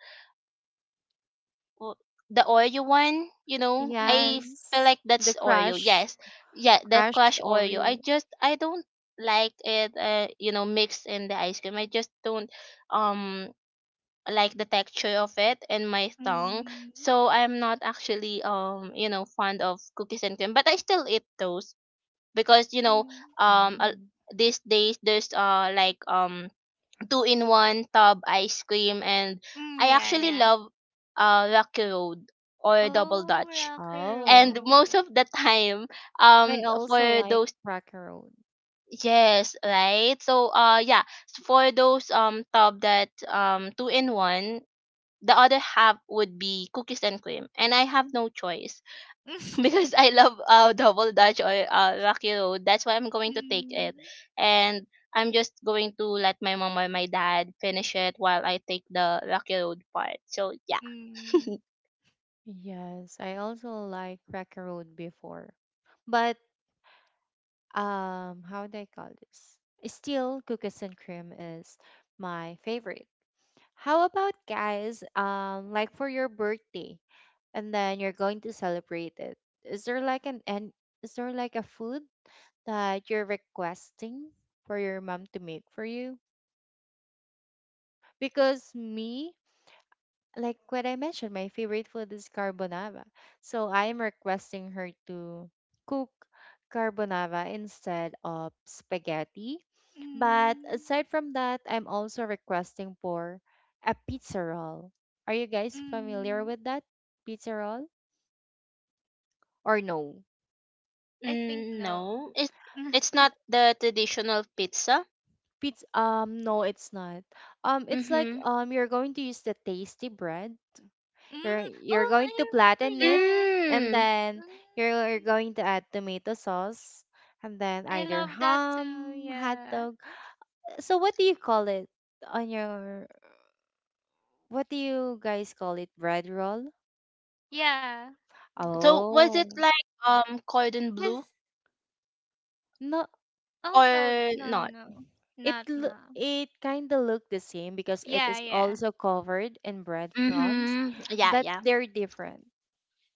[SPEAKER 2] w- the Oreo one. You know, I
[SPEAKER 3] mm.
[SPEAKER 2] feel
[SPEAKER 1] Yes,
[SPEAKER 2] like
[SPEAKER 1] the
[SPEAKER 2] that's Oreo. Yes, yeah, the
[SPEAKER 1] crushed
[SPEAKER 2] Crush Oreo. I
[SPEAKER 1] Oreo.
[SPEAKER 2] just I don't like it. Mixed in the ice cream. I just don't um like the texture of it and my tongue.
[SPEAKER 3] Mm.
[SPEAKER 2] So I'm not actually fond of cookies and cream, but I still eat those because
[SPEAKER 3] Mm.
[SPEAKER 2] um a-
[SPEAKER 1] Mm.
[SPEAKER 2] these days there's two in one tub ice cream, and
[SPEAKER 3] Mm, <laughs>
[SPEAKER 2] I
[SPEAKER 3] yeah,
[SPEAKER 2] actually
[SPEAKER 3] yeah.
[SPEAKER 2] love Rocky Road or Double
[SPEAKER 3] Oh,
[SPEAKER 2] Dutch.
[SPEAKER 3] rocky
[SPEAKER 2] And
[SPEAKER 1] Oh,
[SPEAKER 2] most
[SPEAKER 3] road.
[SPEAKER 2] of the <laughs> time,
[SPEAKER 1] I also
[SPEAKER 2] for
[SPEAKER 1] like
[SPEAKER 2] those
[SPEAKER 1] Cracker Road.
[SPEAKER 2] yes, right. So yeah, for those tub that two in one, the other half would be cookies and cream. And I have no choice <laughs>
[SPEAKER 3] <laughs>
[SPEAKER 2] because I love double dutch or rocky road. That's why I'm going to take
[SPEAKER 3] mm.
[SPEAKER 2] it. And I'm just going to let my mom or my dad finish it while I take the rocky road part. So yeah. <laughs>
[SPEAKER 3] Mm.
[SPEAKER 1] Yes, I also like Cracker Road before, but how do I call this? Still, cookies and cream is my favorite. How about guys? Like for your birthday, and then you're going to celebrate it. Is there like an and is there like a food that you're requesting for your mom to make for you? Because me, like what I mentioned, my favorite food is carbonara. So I'm requesting her to cook carbonara instead of spaghetti. But
[SPEAKER 3] Mm.
[SPEAKER 1] aside from that, I'm also requesting for a pizza roll. Are you guys familiar
[SPEAKER 3] Mm.
[SPEAKER 1] with that pizza roll or no?
[SPEAKER 3] I think
[SPEAKER 2] Mm,
[SPEAKER 3] no.
[SPEAKER 2] no. It's
[SPEAKER 3] <laughs>
[SPEAKER 2] it's not the traditional pizza.
[SPEAKER 1] Pizza no, it's not. It's like,
[SPEAKER 2] Mm-hmm.
[SPEAKER 1] you're going to use the tasty bread. You're
[SPEAKER 3] Mm,
[SPEAKER 1] you're
[SPEAKER 3] oh,
[SPEAKER 1] going
[SPEAKER 3] I
[SPEAKER 1] to
[SPEAKER 3] remember.
[SPEAKER 1] flatten it,
[SPEAKER 3] Yeah.
[SPEAKER 1] and
[SPEAKER 2] Mm.
[SPEAKER 1] then you're
[SPEAKER 3] Mm,
[SPEAKER 1] going to add tomato sauce and then
[SPEAKER 3] I
[SPEAKER 1] either
[SPEAKER 3] love that too.
[SPEAKER 1] ham, hot
[SPEAKER 3] Yeah.
[SPEAKER 1] dog. So what do you call it on your what do you guys call it? Bread roll?
[SPEAKER 3] Yeah.
[SPEAKER 2] So was it
[SPEAKER 1] Oh.
[SPEAKER 2] like cordon bleu
[SPEAKER 3] Cause
[SPEAKER 1] No,
[SPEAKER 3] oh no
[SPEAKER 2] or
[SPEAKER 3] no
[SPEAKER 2] not?
[SPEAKER 3] no not no.
[SPEAKER 1] it kind of look the same because it
[SPEAKER 3] Yeah
[SPEAKER 1] is
[SPEAKER 3] yeah.
[SPEAKER 1] also covered in breadcrumbs,
[SPEAKER 2] Mm-hmm. Yeah,
[SPEAKER 1] but
[SPEAKER 2] yeah.
[SPEAKER 1] they're different.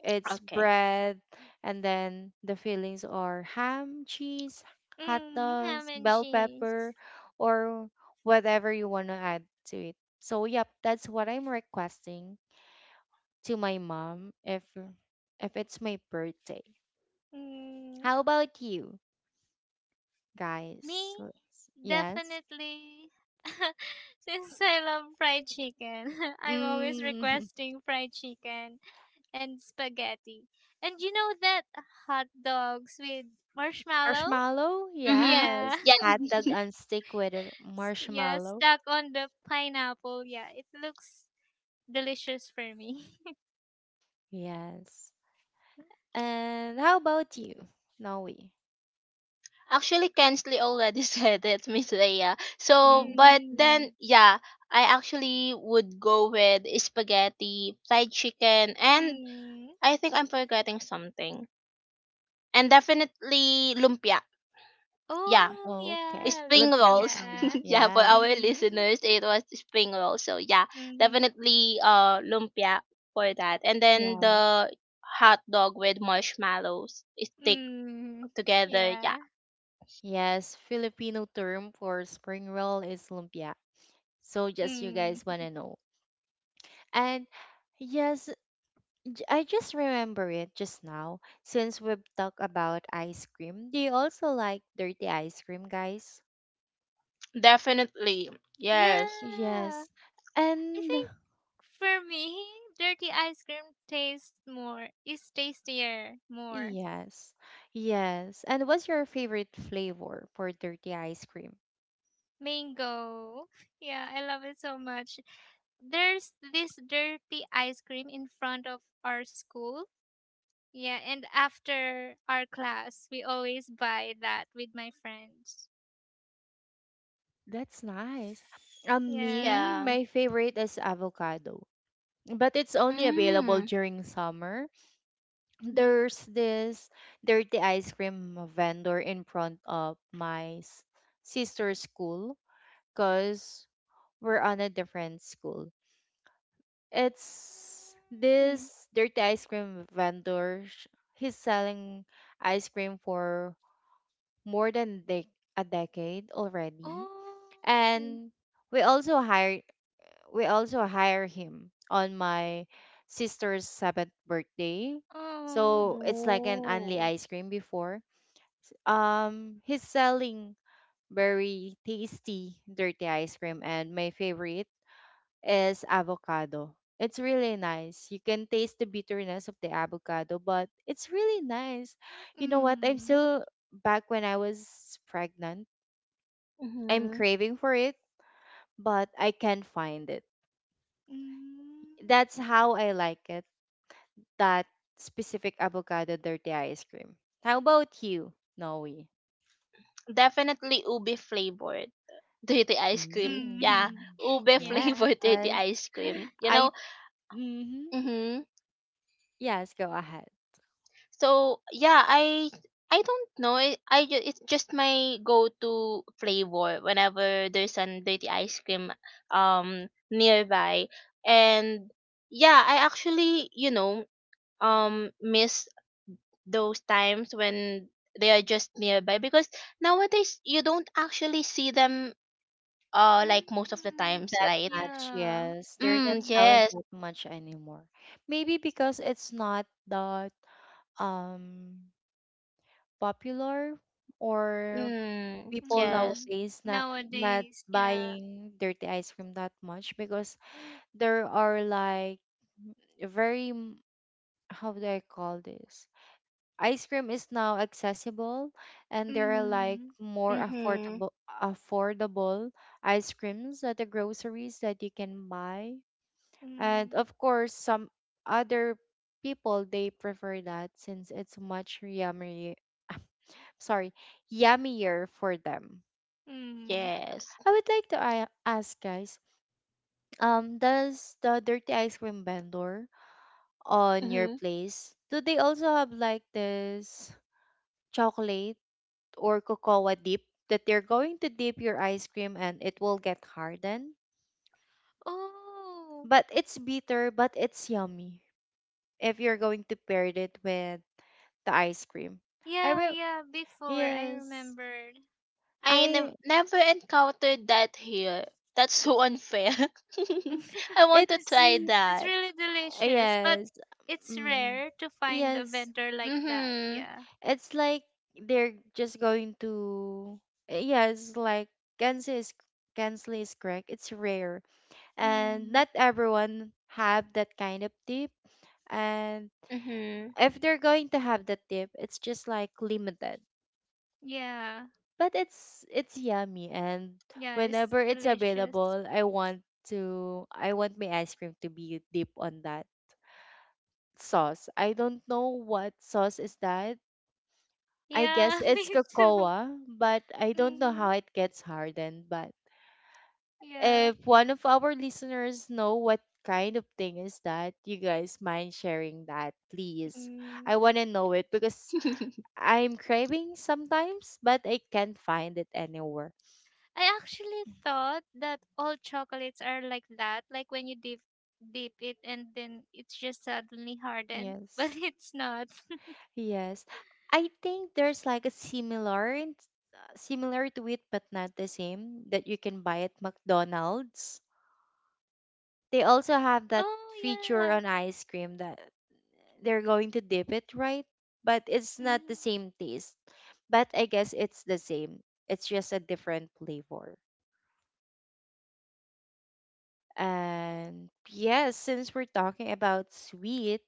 [SPEAKER 1] It's
[SPEAKER 2] Okay.
[SPEAKER 1] bread, and then the fillings are ham, cheese, hot
[SPEAKER 3] Mm,
[SPEAKER 1] dogs,
[SPEAKER 3] ham and
[SPEAKER 1] bell pepper,
[SPEAKER 3] cheese.
[SPEAKER 1] or whatever you want to add to it. So, yep, that's what I'm requesting to my mom, if it's my birthday.
[SPEAKER 3] Mm,
[SPEAKER 1] How about you guys?
[SPEAKER 3] me
[SPEAKER 1] Let's- Yes.
[SPEAKER 3] definitely. <laughs> Since I love fried chicken, <laughs> I'm always
[SPEAKER 1] Mm,
[SPEAKER 3] requesting fried chicken and spaghetti. And you know that hot dogs with
[SPEAKER 1] <laughs>
[SPEAKER 3] marshmallow?
[SPEAKER 1] marshmallow?
[SPEAKER 2] Mm-hmm.
[SPEAKER 3] Yeah.
[SPEAKER 1] Yes.
[SPEAKER 2] Yeah.
[SPEAKER 1] Hot dog on stick with a
[SPEAKER 3] St- yeah,
[SPEAKER 1] marshmallow?
[SPEAKER 3] stuck on the pineapple. Yeah, it looks delicious for me.
[SPEAKER 1] Yes. And how about you, Noe?
[SPEAKER 2] Actually Kensley already <laughs> said it, Miss Leia.
[SPEAKER 3] <laughs>
[SPEAKER 2] So
[SPEAKER 3] mm
[SPEAKER 2] but then
[SPEAKER 1] Mm,
[SPEAKER 2] yeah, I actually would go with spaghetti, fried chicken, and
[SPEAKER 3] mm.
[SPEAKER 2] I think I'm forgetting something. And definitely lumpia. Yeah,
[SPEAKER 3] Oh,
[SPEAKER 1] okay.
[SPEAKER 3] yeah,
[SPEAKER 2] spring
[SPEAKER 1] Lumpiang
[SPEAKER 2] rolls.
[SPEAKER 1] Shanghai.
[SPEAKER 3] lumpia.
[SPEAKER 2] <laughs> Yeah, for
[SPEAKER 1] Yes.
[SPEAKER 2] our
[SPEAKER 3] Mm-hmm. <laughs>
[SPEAKER 2] listeners, it was spring rolls. So yeah,
[SPEAKER 3] Mm-hmm.
[SPEAKER 2] definitely lumpia for that, and then
[SPEAKER 1] Yeah.
[SPEAKER 2] the hot dog with marshmallows stick
[SPEAKER 3] Mm.
[SPEAKER 2] together.
[SPEAKER 3] Yeah.
[SPEAKER 2] Yeah.
[SPEAKER 1] Yes, Filipino term for spring roll is lumpia. So just you guys want
[SPEAKER 3] Mm.
[SPEAKER 1] to know. And yes, I just remember it just now since we've talked about ice cream. Do you also like dirty ice cream, guys?
[SPEAKER 2] Definitely.
[SPEAKER 3] Yeah.
[SPEAKER 2] Yes.
[SPEAKER 3] I
[SPEAKER 1] Yes.
[SPEAKER 3] think
[SPEAKER 1] And
[SPEAKER 3] for me, dirty ice cream tastes more, is tastier more.
[SPEAKER 1] yes. Yes. And what's your favorite flavor for dirty ice cream?
[SPEAKER 3] Mango. Yeah, I love it so much. There's this dirty ice cream in front of our school. Yeah, and after our class, we always buy that with my friends.
[SPEAKER 1] That's nice.
[SPEAKER 3] Yeah.
[SPEAKER 1] Me,
[SPEAKER 2] Yeah.
[SPEAKER 1] my favorite is avocado, but it's only available
[SPEAKER 2] Mm.
[SPEAKER 1] during summer.
[SPEAKER 2] Yeah.
[SPEAKER 1] There's this dirty ice cream vendor in front of sister's school because we're on a different school. It's
[SPEAKER 3] Mm.
[SPEAKER 1] this dirty ice cream vendor. He's selling ice cream for more than dec a decade already,
[SPEAKER 3] Oh.
[SPEAKER 1] and we also hired we also hire him on my sister's seventh birthday. So
[SPEAKER 3] Oh.
[SPEAKER 1] it's like an only
[SPEAKER 2] Ooh.
[SPEAKER 1] ice cream before. He's selling very tasty dirty ice cream, and my favorite is avocado. It's really nice. You can taste the bitterness of the avocado, but it's really nice. You know what? I'm
[SPEAKER 3] Mm.
[SPEAKER 1] still back when I was pregnant. I'm
[SPEAKER 2] Mm-hmm.
[SPEAKER 1] craving for it, but I can't find it.
[SPEAKER 3] Mm.
[SPEAKER 1] That's how I like it, that specific avocado dirty ice cream. How about you, Noe?
[SPEAKER 2] Definitely ubi flavored dirty ice cream. Yeah,
[SPEAKER 3] Mm.
[SPEAKER 1] Mm,
[SPEAKER 2] ube <laughs>
[SPEAKER 1] yes.
[SPEAKER 3] Yeah.
[SPEAKER 2] flavored dirty ice cream, you know.
[SPEAKER 1] I Mhm.
[SPEAKER 2] Mm-hmm.
[SPEAKER 1] Yes, go ahead.
[SPEAKER 2] So yeah, I don't know. It's just my go-to flavor whenever there's an dirty ice cream nearby. And yeah, I actually, you know, miss those times when they are just nearby because nowadays you don't actually see them like most of the
[SPEAKER 3] Mm.
[SPEAKER 2] times,
[SPEAKER 1] That
[SPEAKER 2] right?
[SPEAKER 1] much,
[SPEAKER 3] Yeah.
[SPEAKER 1] yes. They're not
[SPEAKER 2] Mm,
[SPEAKER 3] Mm.
[SPEAKER 1] selling
[SPEAKER 2] yes.
[SPEAKER 1] that much anymore. Maybe because it's not that um popular, or
[SPEAKER 2] Mm,
[SPEAKER 1] people
[SPEAKER 2] yes.
[SPEAKER 3] Mm.
[SPEAKER 1] nowadays not
[SPEAKER 3] Nowadays, yeah.
[SPEAKER 1] buying dirty ice cream that much because there are like very, how do I call this? Ice cream is now accessible, and there are like
[SPEAKER 3] Mm.
[SPEAKER 1] more
[SPEAKER 2] Mhm.
[SPEAKER 1] affordable ice creams at the groceries that you can buy. And
[SPEAKER 3] Mm.
[SPEAKER 1] of course, some other people, they prefer that since it's much yummy, <laughs> sorry, yummier for them.
[SPEAKER 3] Mm.
[SPEAKER 2] Yes.
[SPEAKER 1] I would like to ask, guys, does the dirty ice cream vendor on your
[SPEAKER 2] Mhm.
[SPEAKER 1] place, do they also have like this chocolate or cocoa dip that you're going to dip your ice cream and it will get hardened?
[SPEAKER 3] Oh.
[SPEAKER 1] But it's bitter, but it's yummy if you're going to pair it with the ice cream. I
[SPEAKER 3] Yeah,
[SPEAKER 1] will.
[SPEAKER 3] yeah, before I
[SPEAKER 1] Yes.
[SPEAKER 3] remembered.
[SPEAKER 1] I.
[SPEAKER 2] Never encountered that here. That's so unfair. <laughs> I
[SPEAKER 3] <laughs>
[SPEAKER 2] want to
[SPEAKER 1] It's.
[SPEAKER 2] try
[SPEAKER 3] It's
[SPEAKER 2] that.
[SPEAKER 3] really delicious, but
[SPEAKER 1] Yes.
[SPEAKER 3] it's
[SPEAKER 1] Mm,
[SPEAKER 3] rare to find a
[SPEAKER 1] yes.
[SPEAKER 3] vendor like that.
[SPEAKER 2] Mhm.
[SPEAKER 3] Yeah.
[SPEAKER 1] It's like they're just going to. Yes, like Kensley is Kensley is correct. It's rare, and
[SPEAKER 3] Mm.
[SPEAKER 1] not everyone have that kind of dip, and
[SPEAKER 2] Mhm.
[SPEAKER 1] if they're going to have the tip, it's just like limited.
[SPEAKER 3] Yeah.
[SPEAKER 1] But it's yummy, and
[SPEAKER 3] Yeah, it's
[SPEAKER 1] whenever it's
[SPEAKER 3] delicious.
[SPEAKER 1] available, I want my ice cream to be deep on that sauce. I don't know what sauce is that. I
[SPEAKER 3] Yeah,
[SPEAKER 1] guess
[SPEAKER 3] <laughs>
[SPEAKER 1] it's
[SPEAKER 3] me too.
[SPEAKER 1] cocoa, but I don't know how
[SPEAKER 3] Mm.
[SPEAKER 1] it gets hardened. But
[SPEAKER 3] Yeah.
[SPEAKER 1] if one of our listeners know what kind of thing is that, you guys mind sharing that, please.
[SPEAKER 3] Mm.
[SPEAKER 1] I want to know it because
[SPEAKER 2] <laughs>
[SPEAKER 1] I'm craving sometimes, but I can't find it anywhere.
[SPEAKER 3] I actually thought that all chocolates are like that, like when you dip it and then it's just suddenly hardened, <laughs> but
[SPEAKER 1] Yes.
[SPEAKER 3] it's not.
[SPEAKER 1] Yes. I think there's like a similar similar to it, but not the same, that you can buy at McDonald's. They also have that
[SPEAKER 3] Oh,
[SPEAKER 1] feature
[SPEAKER 3] yeah.
[SPEAKER 1] on ice cream that they're going to dip it, right? But it's not the
[SPEAKER 3] Mm.
[SPEAKER 1] same taste. But I guess it's the same. It's just a different flavor. And yes, since we're talking about sweet,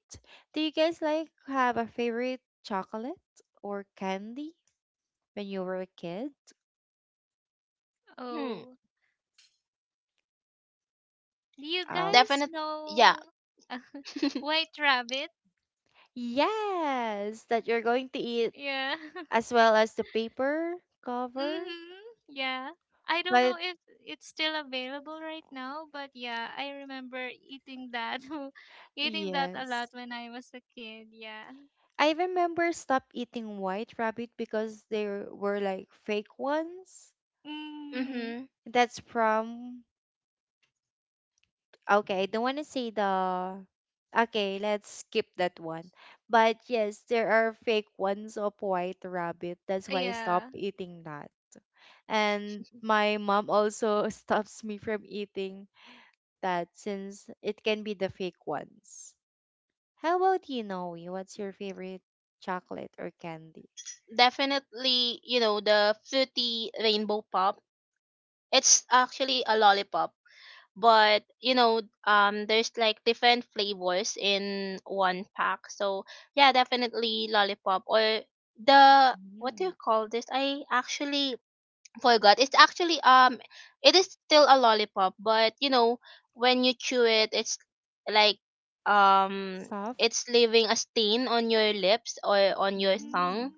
[SPEAKER 1] do you guys like have a favorite chocolate or candy when you were a kid?
[SPEAKER 2] Hmm.
[SPEAKER 3] Oh. Do you
[SPEAKER 1] Oh,
[SPEAKER 3] guys
[SPEAKER 2] Definitely. Yeah.
[SPEAKER 3] know <laughs>
[SPEAKER 2] <laughs>
[SPEAKER 3] White Rabbit?
[SPEAKER 1] yes, that you're going to eat
[SPEAKER 3] Yeah. <laughs>
[SPEAKER 1] as well as the paper cover.
[SPEAKER 3] Mhm. Yeah. I don't
[SPEAKER 1] But
[SPEAKER 3] know if it's still available right now, but yeah, I remember eating that, <laughs> eating that a
[SPEAKER 1] yes,
[SPEAKER 3] lot when I was a kid. Yeah.
[SPEAKER 1] I remember stop eating White Rabbit because there were like fake ones.
[SPEAKER 3] Mm.
[SPEAKER 2] Mhm.
[SPEAKER 1] That's from. Okay, I don't want to say the. Okay, let's skip that one. But yes, there are fake ones of White Rabbit. That's why I
[SPEAKER 3] Yeah.
[SPEAKER 1] stopped eating that. And my mom also <laughs> stops me from eating that since it can be the fake ones. How about you, Noe? What's your favorite chocolate or candy?
[SPEAKER 2] Definitely. You know the fruity rainbow pop. It's actually a lollipop, but you know there's like different flavors in one pack. So yeah, definitely lollipop or the what do
[SPEAKER 1] Mm.
[SPEAKER 2] you call this? I actually forgot. It's actually it is still a lollipop, but you know, when you chew it it's like um
[SPEAKER 1] Soft?
[SPEAKER 2] it's leaving a stain on your lips or on your tongue.
[SPEAKER 1] Mm.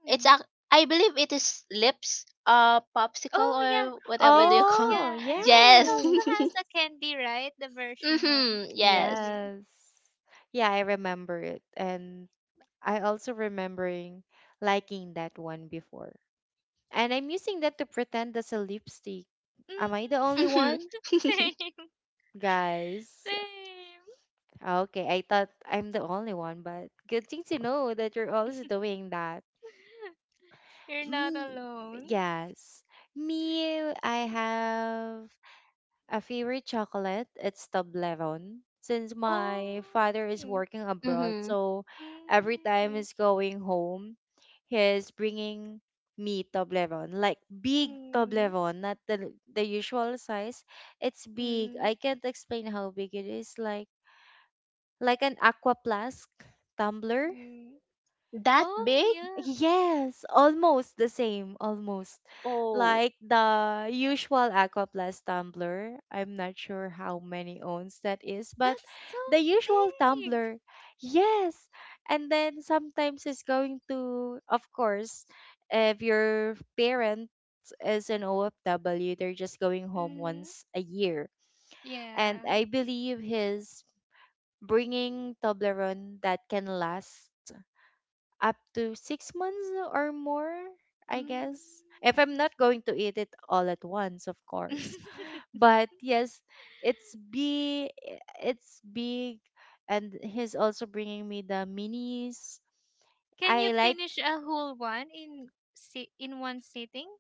[SPEAKER 3] Mm.
[SPEAKER 2] It's ac- I believe it is lips
[SPEAKER 3] Oh
[SPEAKER 2] popsicle
[SPEAKER 3] yeah,
[SPEAKER 2] or whatever do
[SPEAKER 3] lips.
[SPEAKER 2] you call it.
[SPEAKER 1] Oh,
[SPEAKER 3] Yeah,
[SPEAKER 2] <laughs>
[SPEAKER 3] I remember. It
[SPEAKER 2] Yes. <laughs>
[SPEAKER 1] yes.
[SPEAKER 3] also has a candy, right? The version one,
[SPEAKER 2] Mhm.
[SPEAKER 3] a
[SPEAKER 2] Yes.
[SPEAKER 3] candy.
[SPEAKER 1] Yes. Yeah, I remember it. And I also remembering liking that one before. And I'm using that to pretend that's a lipstick. Am I the
[SPEAKER 3] Mm.
[SPEAKER 1] only
[SPEAKER 2] Mhm.
[SPEAKER 1] one?
[SPEAKER 3] <laughs>
[SPEAKER 2] <laughs>
[SPEAKER 3] same,
[SPEAKER 1] Guys.
[SPEAKER 3] same.
[SPEAKER 1] Okay, I thought I'm the only one, but good thing to know that you're also doing that.
[SPEAKER 3] You're not
[SPEAKER 1] Mm,
[SPEAKER 3] alone.
[SPEAKER 1] yes. Me, I have a favorite chocolate. It's Toblerone. Since
[SPEAKER 3] Oh.
[SPEAKER 1] my father is working abroad,
[SPEAKER 2] Mhm.
[SPEAKER 1] so every time
[SPEAKER 3] Mm.
[SPEAKER 1] he's going home, he's bringing me Toblerone, like big
[SPEAKER 3] Mm,
[SPEAKER 1] Toblerone, not the usual size. It's big.
[SPEAKER 3] mm,
[SPEAKER 1] I can't explain how big it is. Like an Aqua Flask tumbler.
[SPEAKER 3] mm.
[SPEAKER 2] That
[SPEAKER 3] Oh
[SPEAKER 2] big?
[SPEAKER 3] yeah,
[SPEAKER 1] Yes, almost the same, almost.
[SPEAKER 2] Oh.
[SPEAKER 1] Like the usual aqua plus tumbler. I'm not sure how many owns that is, but
[SPEAKER 3] that's so
[SPEAKER 1] the usual
[SPEAKER 3] big.
[SPEAKER 1] tumbler. Yes. And then sometimes it's going to, of course, if your parent is an OFW, they're just going home
[SPEAKER 3] Mm,
[SPEAKER 1] once a year. And
[SPEAKER 3] yeah.
[SPEAKER 1] I believe he's bringing Toblerone that can last up to 6 months or more, I guess. If I'm
[SPEAKER 3] Mm.
[SPEAKER 1] not going to eat it all at once, of course.
[SPEAKER 3] <laughs>
[SPEAKER 1] But yes, it's big. It's big, and he's also bringing me the minis.
[SPEAKER 3] Can
[SPEAKER 1] I
[SPEAKER 3] you
[SPEAKER 1] like
[SPEAKER 3] finish a whole one in in one sitting?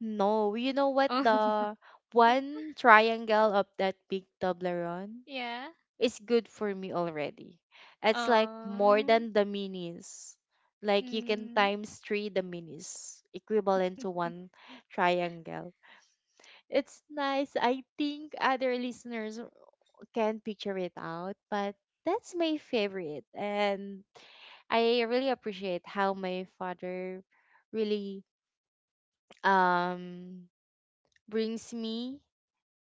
[SPEAKER 1] no. You know what?
[SPEAKER 3] Oh <laughs>
[SPEAKER 1] The one triangle of that big Toblerone
[SPEAKER 3] yeah.
[SPEAKER 1] is good for me already. It's like more
[SPEAKER 3] Oh.
[SPEAKER 1] than the minis. Like you can
[SPEAKER 3] Mm,
[SPEAKER 1] times three the minis, equivalent to
[SPEAKER 3] <laughs>
[SPEAKER 1] one triangle. It's nice. I think other listeners can picture it out, but that's my favorite. And I really appreciate how my father really um brings me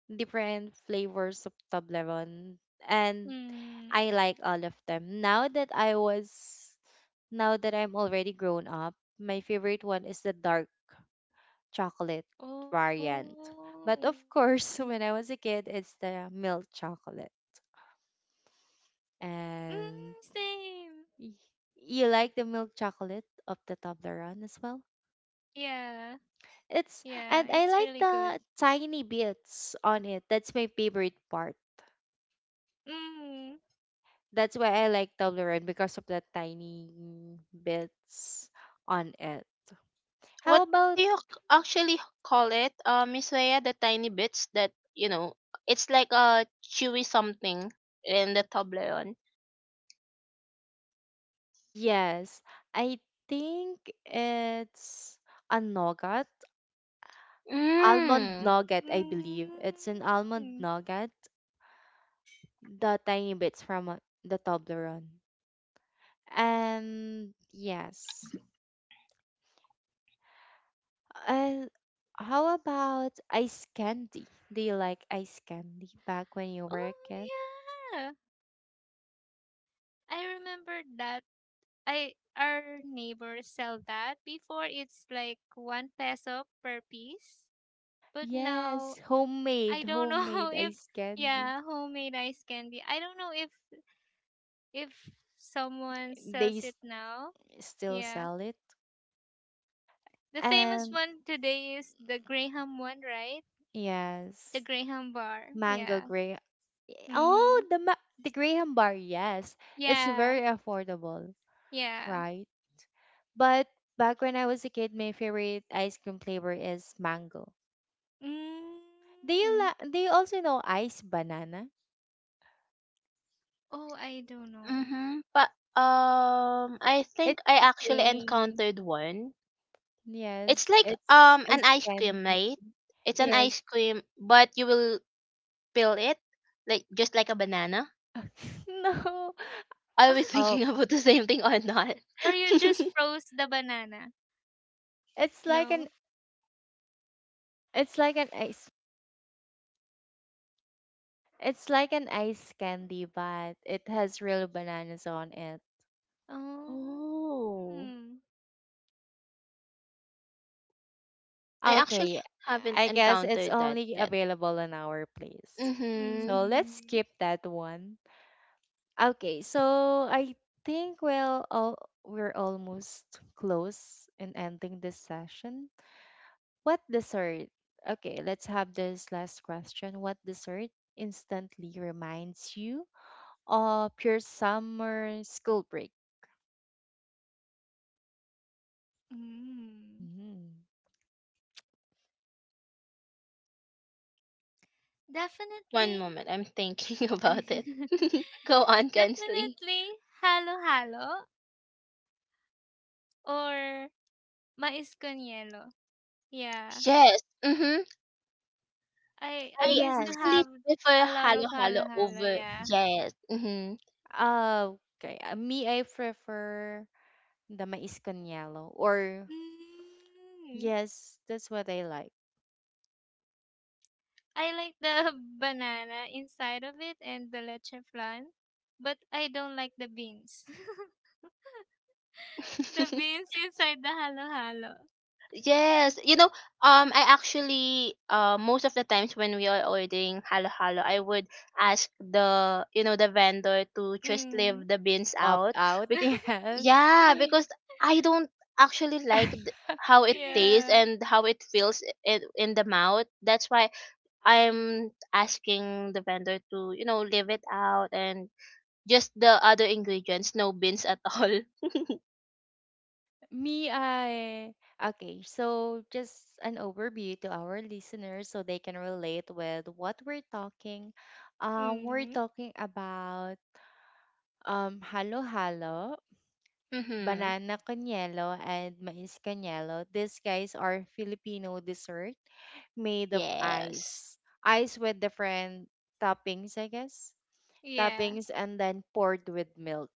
[SPEAKER 1] different flavors of tableron and
[SPEAKER 3] mm.
[SPEAKER 1] I like all of them. Now that I'm already grown up, my favorite one is the dark chocolate variant.
[SPEAKER 3] Oh.
[SPEAKER 1] But of course, <laughs> when I was a kid, it's the milk chocolate.
[SPEAKER 3] Mm, same.
[SPEAKER 1] And y- you like the milk chocolate of the Toblerone as well?
[SPEAKER 3] Yeah. Yeah. It's really
[SPEAKER 1] It's
[SPEAKER 3] good.
[SPEAKER 1] and I like the tiny bits on it. That's my favorite part.
[SPEAKER 3] Mm.
[SPEAKER 1] That's why I like Toblerone because of the tiny bits on it. How
[SPEAKER 2] What
[SPEAKER 1] about
[SPEAKER 2] do you actually call it, Miss Leia? The tiny bits that you know, it's like a chewy something in the Toblerone.
[SPEAKER 1] Yes. I think it's a nougat, almond
[SPEAKER 2] Mm.
[SPEAKER 1] nougat, I believe. It's an
[SPEAKER 3] Mm.
[SPEAKER 1] almond nougat, the tiny bits from the Toblerone. And yes. And how about ice candy? Do you like ice candy back when you
[SPEAKER 3] Oh
[SPEAKER 1] were a kid?
[SPEAKER 3] yeah. I remember that. I our neighbors sell that. Before it's like one peso per piece. But
[SPEAKER 1] Yes,
[SPEAKER 3] now
[SPEAKER 1] homemade,
[SPEAKER 3] I don't know <laughs>
[SPEAKER 1] homemade
[SPEAKER 3] if
[SPEAKER 1] ice candy.
[SPEAKER 3] yeah, homemade ice candy. I don't know if someone
[SPEAKER 1] They
[SPEAKER 3] sells
[SPEAKER 1] s-
[SPEAKER 3] it now.
[SPEAKER 1] still
[SPEAKER 3] Yeah.
[SPEAKER 1] sell it.
[SPEAKER 3] The famous
[SPEAKER 1] And
[SPEAKER 3] one today is the Graham one, right? The
[SPEAKER 1] yes,
[SPEAKER 3] Graham bar.
[SPEAKER 1] mango
[SPEAKER 3] Yeah.
[SPEAKER 1] grape. Oh,
[SPEAKER 3] Mhm.
[SPEAKER 1] the the Graham bar, yes. It's
[SPEAKER 3] Yeah.
[SPEAKER 1] very affordable,
[SPEAKER 3] Yeah.
[SPEAKER 1] right? But back when I was a kid, my favorite ice cream flavor is mango. Do you
[SPEAKER 3] Mm.
[SPEAKER 1] do you also know ice banana?
[SPEAKER 3] Oh, I don't know.
[SPEAKER 2] Mm-hmm. But I think
[SPEAKER 1] It's
[SPEAKER 2] I
[SPEAKER 1] the
[SPEAKER 2] actually
[SPEAKER 1] same.
[SPEAKER 2] encountered one. It's
[SPEAKER 1] Yes,
[SPEAKER 2] like
[SPEAKER 1] it's
[SPEAKER 2] an
[SPEAKER 1] ice
[SPEAKER 2] ice
[SPEAKER 1] candy.
[SPEAKER 2] cream, right? It's an
[SPEAKER 1] Yes.
[SPEAKER 2] ice cream, but you will peel it like just like a banana.
[SPEAKER 1] <laughs> No.
[SPEAKER 2] Are we <laughs>
[SPEAKER 3] <laughs>
[SPEAKER 1] Oh,
[SPEAKER 2] thinking about the same thing or not?
[SPEAKER 3] Or you
[SPEAKER 2] <laughs>
[SPEAKER 3] just froze the banana?
[SPEAKER 1] it's like an
[SPEAKER 3] No.
[SPEAKER 1] it's like an ice it's like an ice candy, but it has real bananas on it.
[SPEAKER 3] Oh.
[SPEAKER 2] Oh,
[SPEAKER 3] Mm.
[SPEAKER 2] I actually
[SPEAKER 1] Okay,
[SPEAKER 2] haven't
[SPEAKER 1] I guess it's
[SPEAKER 2] encountered that
[SPEAKER 1] only
[SPEAKER 2] yet.
[SPEAKER 1] available in our place.
[SPEAKER 2] Mm-hmm.
[SPEAKER 1] So let's
[SPEAKER 3] Mm.
[SPEAKER 1] skip that one. Okay, so I think we'll all We're almost close in ending this session. What dessert? Okay, let's have this last question. What dessert instantly reminds you of your summer school break?
[SPEAKER 3] Mm.
[SPEAKER 1] Mhm.
[SPEAKER 2] One
[SPEAKER 3] Definitely.
[SPEAKER 2] moment, I'm thinking <laughs> about it. <laughs>
[SPEAKER 3] <laughs>
[SPEAKER 2] Go on, Kensley.
[SPEAKER 3] Definitely halo-halo or mais con hielo. Yeah.
[SPEAKER 2] Yes. Mm-hmm.
[SPEAKER 3] I
[SPEAKER 2] I
[SPEAKER 3] used to
[SPEAKER 1] Yes.
[SPEAKER 2] actually
[SPEAKER 3] have
[SPEAKER 2] prefer
[SPEAKER 3] a lot
[SPEAKER 2] halo
[SPEAKER 3] of
[SPEAKER 2] halo
[SPEAKER 3] halo-halo,
[SPEAKER 2] over.
[SPEAKER 3] yeah.
[SPEAKER 2] Yes. Mm-hmm.
[SPEAKER 1] Okay. Me, I prefer the mais con yellow or
[SPEAKER 3] Mm.
[SPEAKER 1] yes, that's what I like.
[SPEAKER 3] I like the <laughs> banana inside of it and the leche flan, but I don't like the beans. <laughs> the
[SPEAKER 2] <laughs>
[SPEAKER 3] beans inside the halo halo.
[SPEAKER 2] Yes, you know, I actually, most of the times when we are ordering halo halo, I would ask the, you know, the vendor to just
[SPEAKER 3] Mm.
[SPEAKER 2] leave the beans
[SPEAKER 1] To opt
[SPEAKER 2] out.
[SPEAKER 1] out, <laughs>
[SPEAKER 2] Be-
[SPEAKER 1] yes.
[SPEAKER 2] yeah,
[SPEAKER 3] <laughs>
[SPEAKER 2] because I don't actually like
[SPEAKER 1] <laughs>
[SPEAKER 2] how it tastes
[SPEAKER 3] yeah.
[SPEAKER 2] and how it feels in the mouth. That's why I'm asking the vendor to, you know, leave it out and just the other ingredients, no beans at all. <laughs>
[SPEAKER 1] Me, I Okay, so just an overview to our listeners so they can relate with what we're talking. We're
[SPEAKER 3] Mm.
[SPEAKER 1] talking about halo halo,
[SPEAKER 2] Mm-hmm.
[SPEAKER 1] banana canyelo, and mais canyelo. These guys are Filipino dessert made of
[SPEAKER 2] Yes,
[SPEAKER 1] ice. Ice with different toppings, I guess.
[SPEAKER 3] Yeah.
[SPEAKER 1] Toppings and then poured with milk.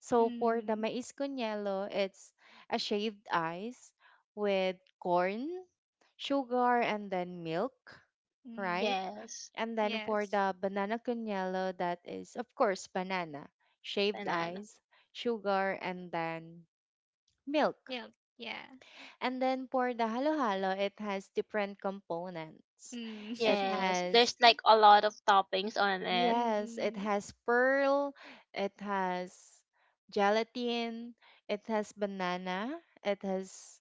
[SPEAKER 1] So for the
[SPEAKER 3] Mm.
[SPEAKER 1] mais con hielo, it's a shaved ice with corn, sugar, and then milk,
[SPEAKER 3] Mm.
[SPEAKER 1] right?
[SPEAKER 2] yes,
[SPEAKER 1] And then for
[SPEAKER 3] Yes.
[SPEAKER 1] the banana con hielo, that is, of course, banana, shaved
[SPEAKER 2] banana.
[SPEAKER 1] ice, sugar, and then milk.
[SPEAKER 3] Milk. Yeah.
[SPEAKER 1] And then for the halo halo, it has different components.
[SPEAKER 3] Mm.
[SPEAKER 1] It
[SPEAKER 3] <laughs>
[SPEAKER 2] Yes,
[SPEAKER 1] has
[SPEAKER 2] there's like a lot of toppings on it.
[SPEAKER 1] yes, it
[SPEAKER 3] Mm.
[SPEAKER 1] has pearl, it has gelatin, it has banana, it has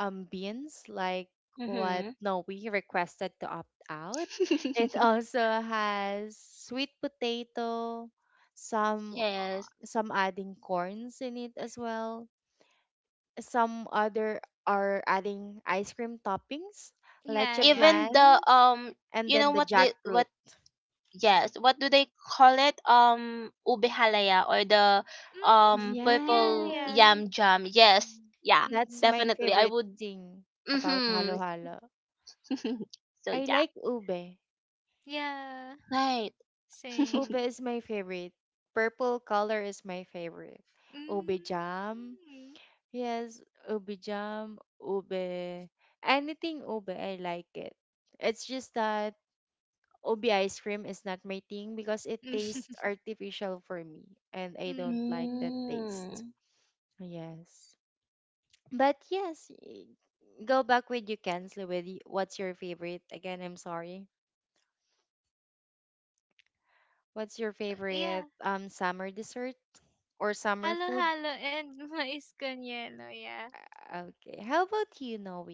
[SPEAKER 1] beans like what
[SPEAKER 2] Mm-hmm.
[SPEAKER 1] no we requested to opt out. It
[SPEAKER 2] <laughs>
[SPEAKER 1] also has sweet potato, some
[SPEAKER 2] Yes.
[SPEAKER 1] some adding corns in it as well. Some other are adding ice cream toppings, leche
[SPEAKER 3] Yeah. Yeah.
[SPEAKER 2] Even the
[SPEAKER 1] plan, and
[SPEAKER 2] you
[SPEAKER 1] then
[SPEAKER 2] know
[SPEAKER 1] the
[SPEAKER 2] what the
[SPEAKER 1] jackfruit.
[SPEAKER 2] what yes, what do they call it? Ube halaya or the
[SPEAKER 3] Mm. Yeah.
[SPEAKER 2] purple
[SPEAKER 3] Yeah.
[SPEAKER 1] Yes.
[SPEAKER 2] yam jam. Yes.
[SPEAKER 1] Mm.
[SPEAKER 2] Yeah.
[SPEAKER 1] That's my
[SPEAKER 3] Mm.
[SPEAKER 2] Definitely I
[SPEAKER 1] favorite
[SPEAKER 2] would
[SPEAKER 1] thing about
[SPEAKER 2] Mhm.
[SPEAKER 1] halo-halo.
[SPEAKER 2] <laughs> So
[SPEAKER 1] I
[SPEAKER 2] yeah.
[SPEAKER 1] like ube.
[SPEAKER 3] Yeah.
[SPEAKER 2] Right.
[SPEAKER 1] Ube
[SPEAKER 2] <laughs>
[SPEAKER 3] Same.
[SPEAKER 1] is my favorite. Purple color is my favorite. Ube jam.
[SPEAKER 3] Mm.
[SPEAKER 1] Yes, ube jam, ube. Anything ube, I like it. It's just that ube ice cream is not my thing because it tastes
[SPEAKER 3] <laughs>
[SPEAKER 1] artificial for me and I don't like
[SPEAKER 3] Mm,
[SPEAKER 1] that taste.
[SPEAKER 2] Mm.
[SPEAKER 1] Yes. But yes, go back with you, Kensley, with what's your favorite? Again, I'm sorry. What's your
[SPEAKER 3] yeah.
[SPEAKER 1] favorite summer dessert or summer food?
[SPEAKER 3] Halo-halo and <laughs> mais con hielo, yeah.
[SPEAKER 1] Okay. How about you, Noe?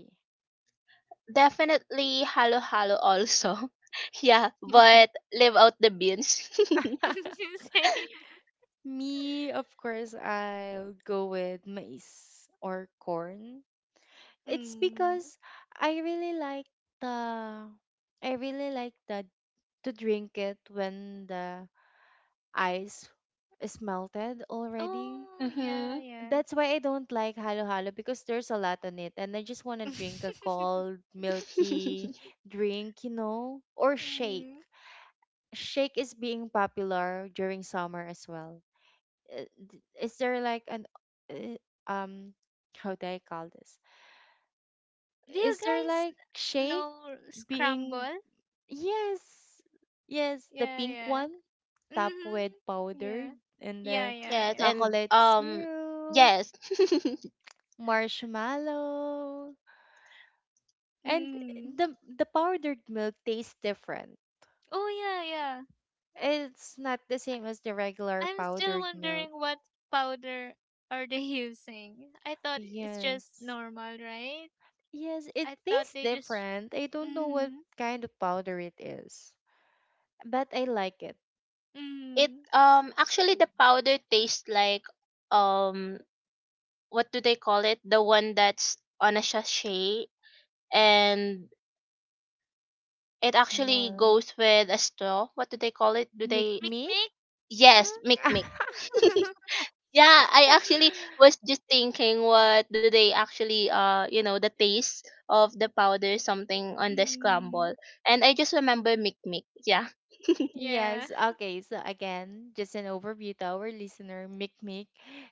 [SPEAKER 2] Definitely halo halo also. <laughs> Yeah, but
[SPEAKER 1] <laughs>
[SPEAKER 2] leave out the beans. <laughs>
[SPEAKER 3] <laughs> Same.
[SPEAKER 1] Me, of course, I'll go with maize or corn. It's
[SPEAKER 3] Mm.
[SPEAKER 1] because I really like the I really like the to drink it when the ice is melted already.
[SPEAKER 3] Oh, yeah,
[SPEAKER 2] Mhm.
[SPEAKER 3] yeah.
[SPEAKER 1] That's why I don't like halo-halo because there's a lot on it, and I just want to drink a
[SPEAKER 3] <laughs>
[SPEAKER 1] cold, milky
[SPEAKER 2] <laughs>
[SPEAKER 1] drink, you know, or shake.
[SPEAKER 3] mm.
[SPEAKER 1] Shake is being popular during summer as well. Is there like an uh, um how do I call this?
[SPEAKER 3] Do you
[SPEAKER 1] Is there
[SPEAKER 3] guys
[SPEAKER 1] like shake
[SPEAKER 3] know
[SPEAKER 1] being
[SPEAKER 3] scramble?
[SPEAKER 1] yes, yes, the
[SPEAKER 3] Yeah,
[SPEAKER 1] pink
[SPEAKER 3] yeah.
[SPEAKER 1] one topped with
[SPEAKER 3] Mm-hmm. Yeah.
[SPEAKER 1] powdered and
[SPEAKER 3] Yeah,
[SPEAKER 1] then
[SPEAKER 3] yeah,
[SPEAKER 2] Yes,
[SPEAKER 3] yeah.
[SPEAKER 2] and
[SPEAKER 1] chocolate syrup,
[SPEAKER 2] yes.
[SPEAKER 1] marshmallow. And
[SPEAKER 3] Mm.
[SPEAKER 1] the powdered milk tastes different.
[SPEAKER 3] Oh, yeah, yeah.
[SPEAKER 1] It's not the same as the regular
[SPEAKER 3] I'm still
[SPEAKER 1] powdered milk.
[SPEAKER 3] wondering what powder are they <laughs> using. I thought it's just
[SPEAKER 1] Yes.
[SPEAKER 3] normal, right?
[SPEAKER 1] Yes, it
[SPEAKER 3] I thought
[SPEAKER 1] tastes
[SPEAKER 3] they just.
[SPEAKER 1] different. I don't know what
[SPEAKER 3] Mm.
[SPEAKER 1] kind of powder it is, but I like it.
[SPEAKER 2] <laughs> It
[SPEAKER 3] Mm.
[SPEAKER 2] actually the powder tastes like um what do they call it? The one that's on a sachet, and it actually
[SPEAKER 1] Well,
[SPEAKER 2] goes with a straw. What do they call it? Do
[SPEAKER 1] Meek
[SPEAKER 2] they
[SPEAKER 3] Mick
[SPEAKER 1] Meek?
[SPEAKER 3] Mick.
[SPEAKER 2] Yes, mic mic.
[SPEAKER 3] Ah.
[SPEAKER 1] <laughs>
[SPEAKER 2] <laughs>
[SPEAKER 3] <laughs>
[SPEAKER 2] Yeah, I actually was just thinking what do they actually the taste of the powder something on the
[SPEAKER 3] mm.
[SPEAKER 2] scramble. And I just remember mic mic. Yeah. <laughs>
[SPEAKER 3] Yeah.
[SPEAKER 1] Yes, okay. So again, just an overview to our listener, Mic Mic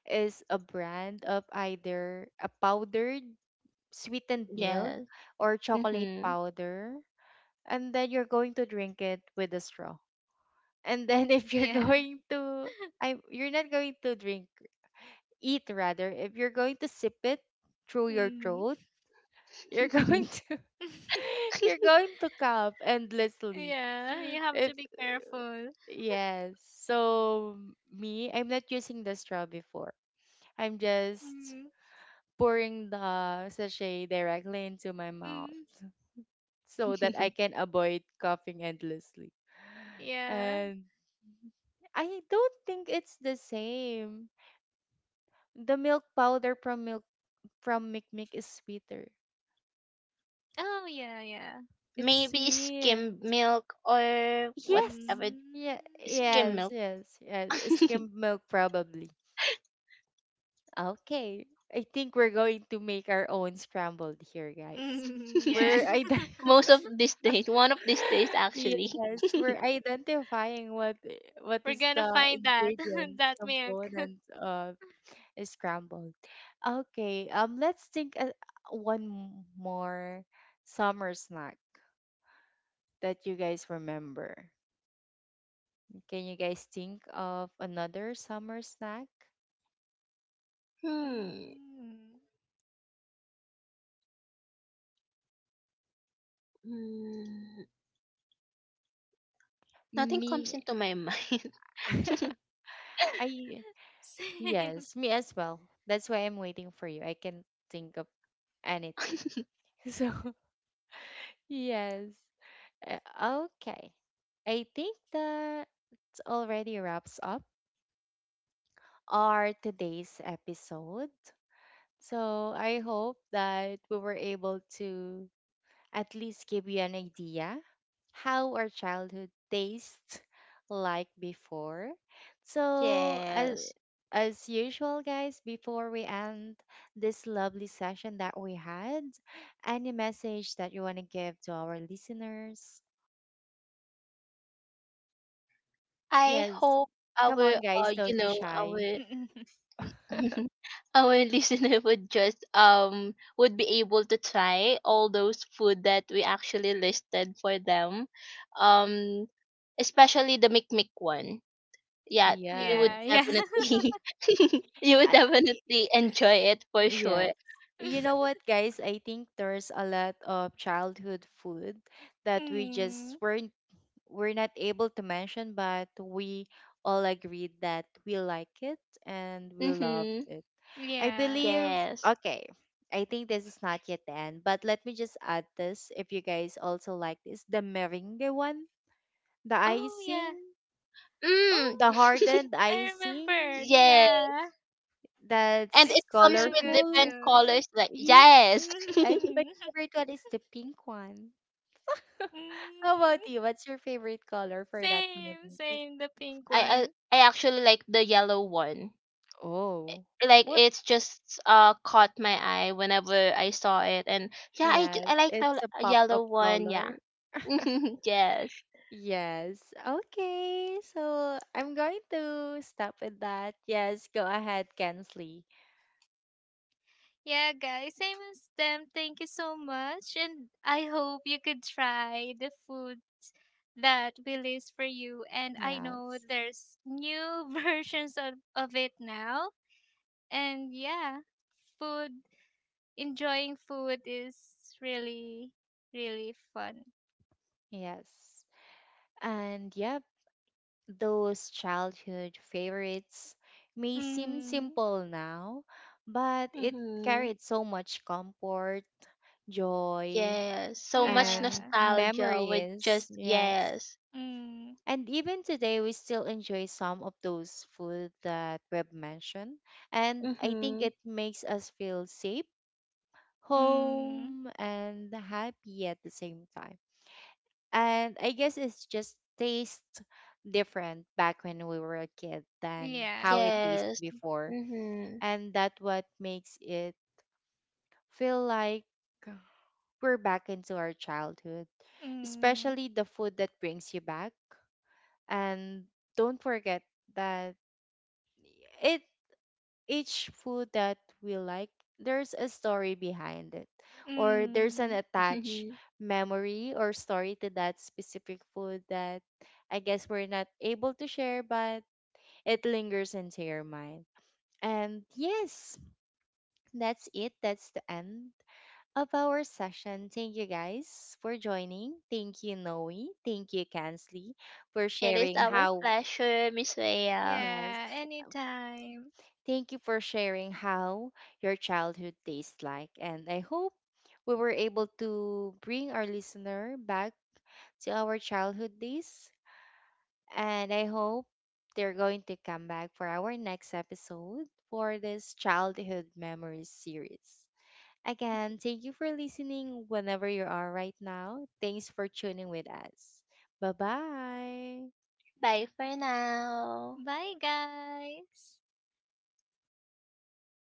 [SPEAKER 1] is a brand of either a powdered sweetened milk
[SPEAKER 2] Yes.
[SPEAKER 1] or chocolate
[SPEAKER 2] Mhm.
[SPEAKER 1] powder and then you're going to drink it with a straw. And then <laughs> if you're
[SPEAKER 3] Yeah.
[SPEAKER 1] going to I you're not going to drink eat rather, if you're going to sip it through your
[SPEAKER 3] Mm.
[SPEAKER 1] throat, <laughs> you're going to
[SPEAKER 3] <laughs>
[SPEAKER 1] <laughs> you're going to cough endlessly.
[SPEAKER 3] yeah. You have
[SPEAKER 1] If
[SPEAKER 3] to be
[SPEAKER 2] <laughs>
[SPEAKER 3] careful.
[SPEAKER 1] yes. So me, I'm not using the straw before. I'm just
[SPEAKER 3] Mm.
[SPEAKER 1] pouring the sachet directly into my mouth
[SPEAKER 3] Mm.
[SPEAKER 1] so that I can avoid coughing endlessly.
[SPEAKER 3] Yeah.
[SPEAKER 1] And I don't think it's the same. The milk powder from milk from Mikmik is sweeter.
[SPEAKER 3] Oh yeah. Yeah.
[SPEAKER 1] It's
[SPEAKER 2] Maybe
[SPEAKER 1] sweet.
[SPEAKER 2] skim milk or
[SPEAKER 1] Yes.
[SPEAKER 2] whatever
[SPEAKER 1] Yeah.
[SPEAKER 2] skim
[SPEAKER 3] Mm.
[SPEAKER 1] Yes.
[SPEAKER 2] milk.
[SPEAKER 1] Yes. Yes. Skimmed milk probably. Okay. I think we're going to make our own scrambled here, guys.
[SPEAKER 3] Mm. <laughs> Yeah.
[SPEAKER 1] We're
[SPEAKER 2] <laughs>
[SPEAKER 1] ide-
[SPEAKER 2] Most of these days, one of these
[SPEAKER 1] <laughs>
[SPEAKER 2] days actually.
[SPEAKER 1] yes, we're
[SPEAKER 2] <laughs>
[SPEAKER 1] identifying
[SPEAKER 3] <laughs>
[SPEAKER 1] what
[SPEAKER 3] We're
[SPEAKER 1] is
[SPEAKER 3] gonna
[SPEAKER 1] the
[SPEAKER 3] find that <laughs>
[SPEAKER 1] ingredients
[SPEAKER 3] that milk.
[SPEAKER 1] components of scrambled. Okay. Let's think one more summer snack that you guys remember. Can you guys think of another summer snack?
[SPEAKER 2] Hmm.
[SPEAKER 3] Mm.
[SPEAKER 2] Mm, nothing comes
[SPEAKER 1] Me,
[SPEAKER 2] into my mind.
[SPEAKER 1] <laughs> I
[SPEAKER 3] <laughs> Same.
[SPEAKER 1] yes,
[SPEAKER 3] <laughs>
[SPEAKER 1] me as well. That's why I'm waiting for you. I can think of anything.
[SPEAKER 2] <laughs>
[SPEAKER 1] <laughs> So yes, uh, okay. I think that already wraps up our today's episode. So I hope that we were able to at least give you an idea how our childhood tastes like before. So as,
[SPEAKER 2] Yes.
[SPEAKER 1] as usual, guys, before we end this lovely session that we had, any message that you want to give to our listeners?
[SPEAKER 2] I
[SPEAKER 1] Yes,
[SPEAKER 2] hope
[SPEAKER 1] come on,
[SPEAKER 2] our
[SPEAKER 1] guys,
[SPEAKER 2] you
[SPEAKER 1] don't be
[SPEAKER 2] know
[SPEAKER 1] shy.
[SPEAKER 2] our
[SPEAKER 3] Mm, mm, mm.
[SPEAKER 1] <laughs>
[SPEAKER 2] <laughs> our listener would just would be able to try all those food that we actually listed for them. Um especially the mikmik one. Yeah, you would
[SPEAKER 3] yeah. Yeah.
[SPEAKER 1] Yes.
[SPEAKER 2] definitely <laughs> you would definitely enjoy it for sure.
[SPEAKER 1] Yes. You know
[SPEAKER 3] <laughs>
[SPEAKER 1] what, guys? I think there's a lot of childhood food that we
[SPEAKER 3] mm.
[SPEAKER 1] just weren't we're not able to mention, but we all agreed that we like it and we loved
[SPEAKER 2] Mhm.
[SPEAKER 1] it. I
[SPEAKER 3] Yeah.
[SPEAKER 1] believe
[SPEAKER 2] Yes.
[SPEAKER 1] okay. I think this is not yet the end, but let me just add this if you guys also like this. The meringue one, the
[SPEAKER 3] Oh yeah.
[SPEAKER 1] icing,
[SPEAKER 2] Mm.
[SPEAKER 1] the
[SPEAKER 3] Oh,
[SPEAKER 2] <laughs>
[SPEAKER 1] hardened
[SPEAKER 3] I remember.
[SPEAKER 1] icing
[SPEAKER 2] Yes.
[SPEAKER 3] Yeah,
[SPEAKER 2] And it
[SPEAKER 1] that's
[SPEAKER 3] it's really
[SPEAKER 2] comes with
[SPEAKER 3] good
[SPEAKER 1] colorful.
[SPEAKER 2] different
[SPEAKER 3] too.
[SPEAKER 2] colors like,
[SPEAKER 1] Yeah.
[SPEAKER 2] yes.
[SPEAKER 1] And
[SPEAKER 2] <laughs>
[SPEAKER 1] my
[SPEAKER 3] Mhm. <laughs>
[SPEAKER 1] favorite one is the pink one. How about
[SPEAKER 3] Mm,
[SPEAKER 1] you? What's your favorite color for that
[SPEAKER 3] same,
[SPEAKER 1] movie?
[SPEAKER 3] same, the pink
[SPEAKER 2] I I,
[SPEAKER 3] one.
[SPEAKER 2] I actually like the yellow one.
[SPEAKER 1] Oh,
[SPEAKER 2] Like
[SPEAKER 1] what?
[SPEAKER 2] it's just caught my eye whenever I saw it, and yeah,
[SPEAKER 1] Yes,
[SPEAKER 2] I like the
[SPEAKER 1] it's a pop-up
[SPEAKER 2] yellow one.
[SPEAKER 1] color.
[SPEAKER 2] Yeah. <laughs>
[SPEAKER 1] <laughs>
[SPEAKER 2] Yes.
[SPEAKER 1] Yes. Okay. So I'm going to stop with that. Yes, go ahead, Kensley.
[SPEAKER 3] Yeah, guys, same as them. Thank you so much. And I hope you could try the food that we list for you. And I know
[SPEAKER 1] Yes.
[SPEAKER 3] there's new <laughs> versions of it now. And yeah, food, enjoying food is really, really fun.
[SPEAKER 1] Yes. And yep, those childhood favorites may seem
[SPEAKER 3] Mm.
[SPEAKER 1] simple now, but it
[SPEAKER 2] Mhm.
[SPEAKER 1] carried so much comfort, joy,
[SPEAKER 2] Yes. So much
[SPEAKER 1] and
[SPEAKER 3] Yeah.
[SPEAKER 2] nostalgia with just,
[SPEAKER 1] memories. Yes.
[SPEAKER 2] yes.
[SPEAKER 3] Mm.
[SPEAKER 1] And even today, we still enjoy some of those food that Reb mentioned. And I think
[SPEAKER 2] Mhm.
[SPEAKER 1] it makes us feel safe,
[SPEAKER 3] Mm.
[SPEAKER 1] home, and happy at the same time. And I guess it's just taste different back when we were a kid than how it
[SPEAKER 3] Yeah.
[SPEAKER 1] tasted
[SPEAKER 2] Yes.
[SPEAKER 1] before.
[SPEAKER 2] Mhm.
[SPEAKER 1] And that what makes it feel like we're back into our childhood,
[SPEAKER 3] Mm.
[SPEAKER 1] especially the food that brings you back. And don't forget that it each food that we like, there's a story behind it, or there's an
[SPEAKER 3] Mm.
[SPEAKER 1] attached
[SPEAKER 2] <laughs>
[SPEAKER 1] memory or story to that specific food that I guess we're not able to share, but it lingers into your mind. And yes, that's it. That's the end of our session. Thank you guys for joining. Thank you, Noe. Thank you, Kansley, for
[SPEAKER 2] It is
[SPEAKER 1] sharing
[SPEAKER 2] our
[SPEAKER 1] how,
[SPEAKER 2] pleasure, Miss Rhea.
[SPEAKER 1] yes,
[SPEAKER 3] Yeah. Anytime.
[SPEAKER 1] thank you for sharing how your childhood tastes like, and I hope we were able to bring our listener back to our childhood days. And I hope they're going to come back for our next episode for this childhood memories series. Again, thank you for listening whenever you are right now. Thanks for tuning with us. Bye bye.
[SPEAKER 2] Bye for now.
[SPEAKER 3] Bye, guys.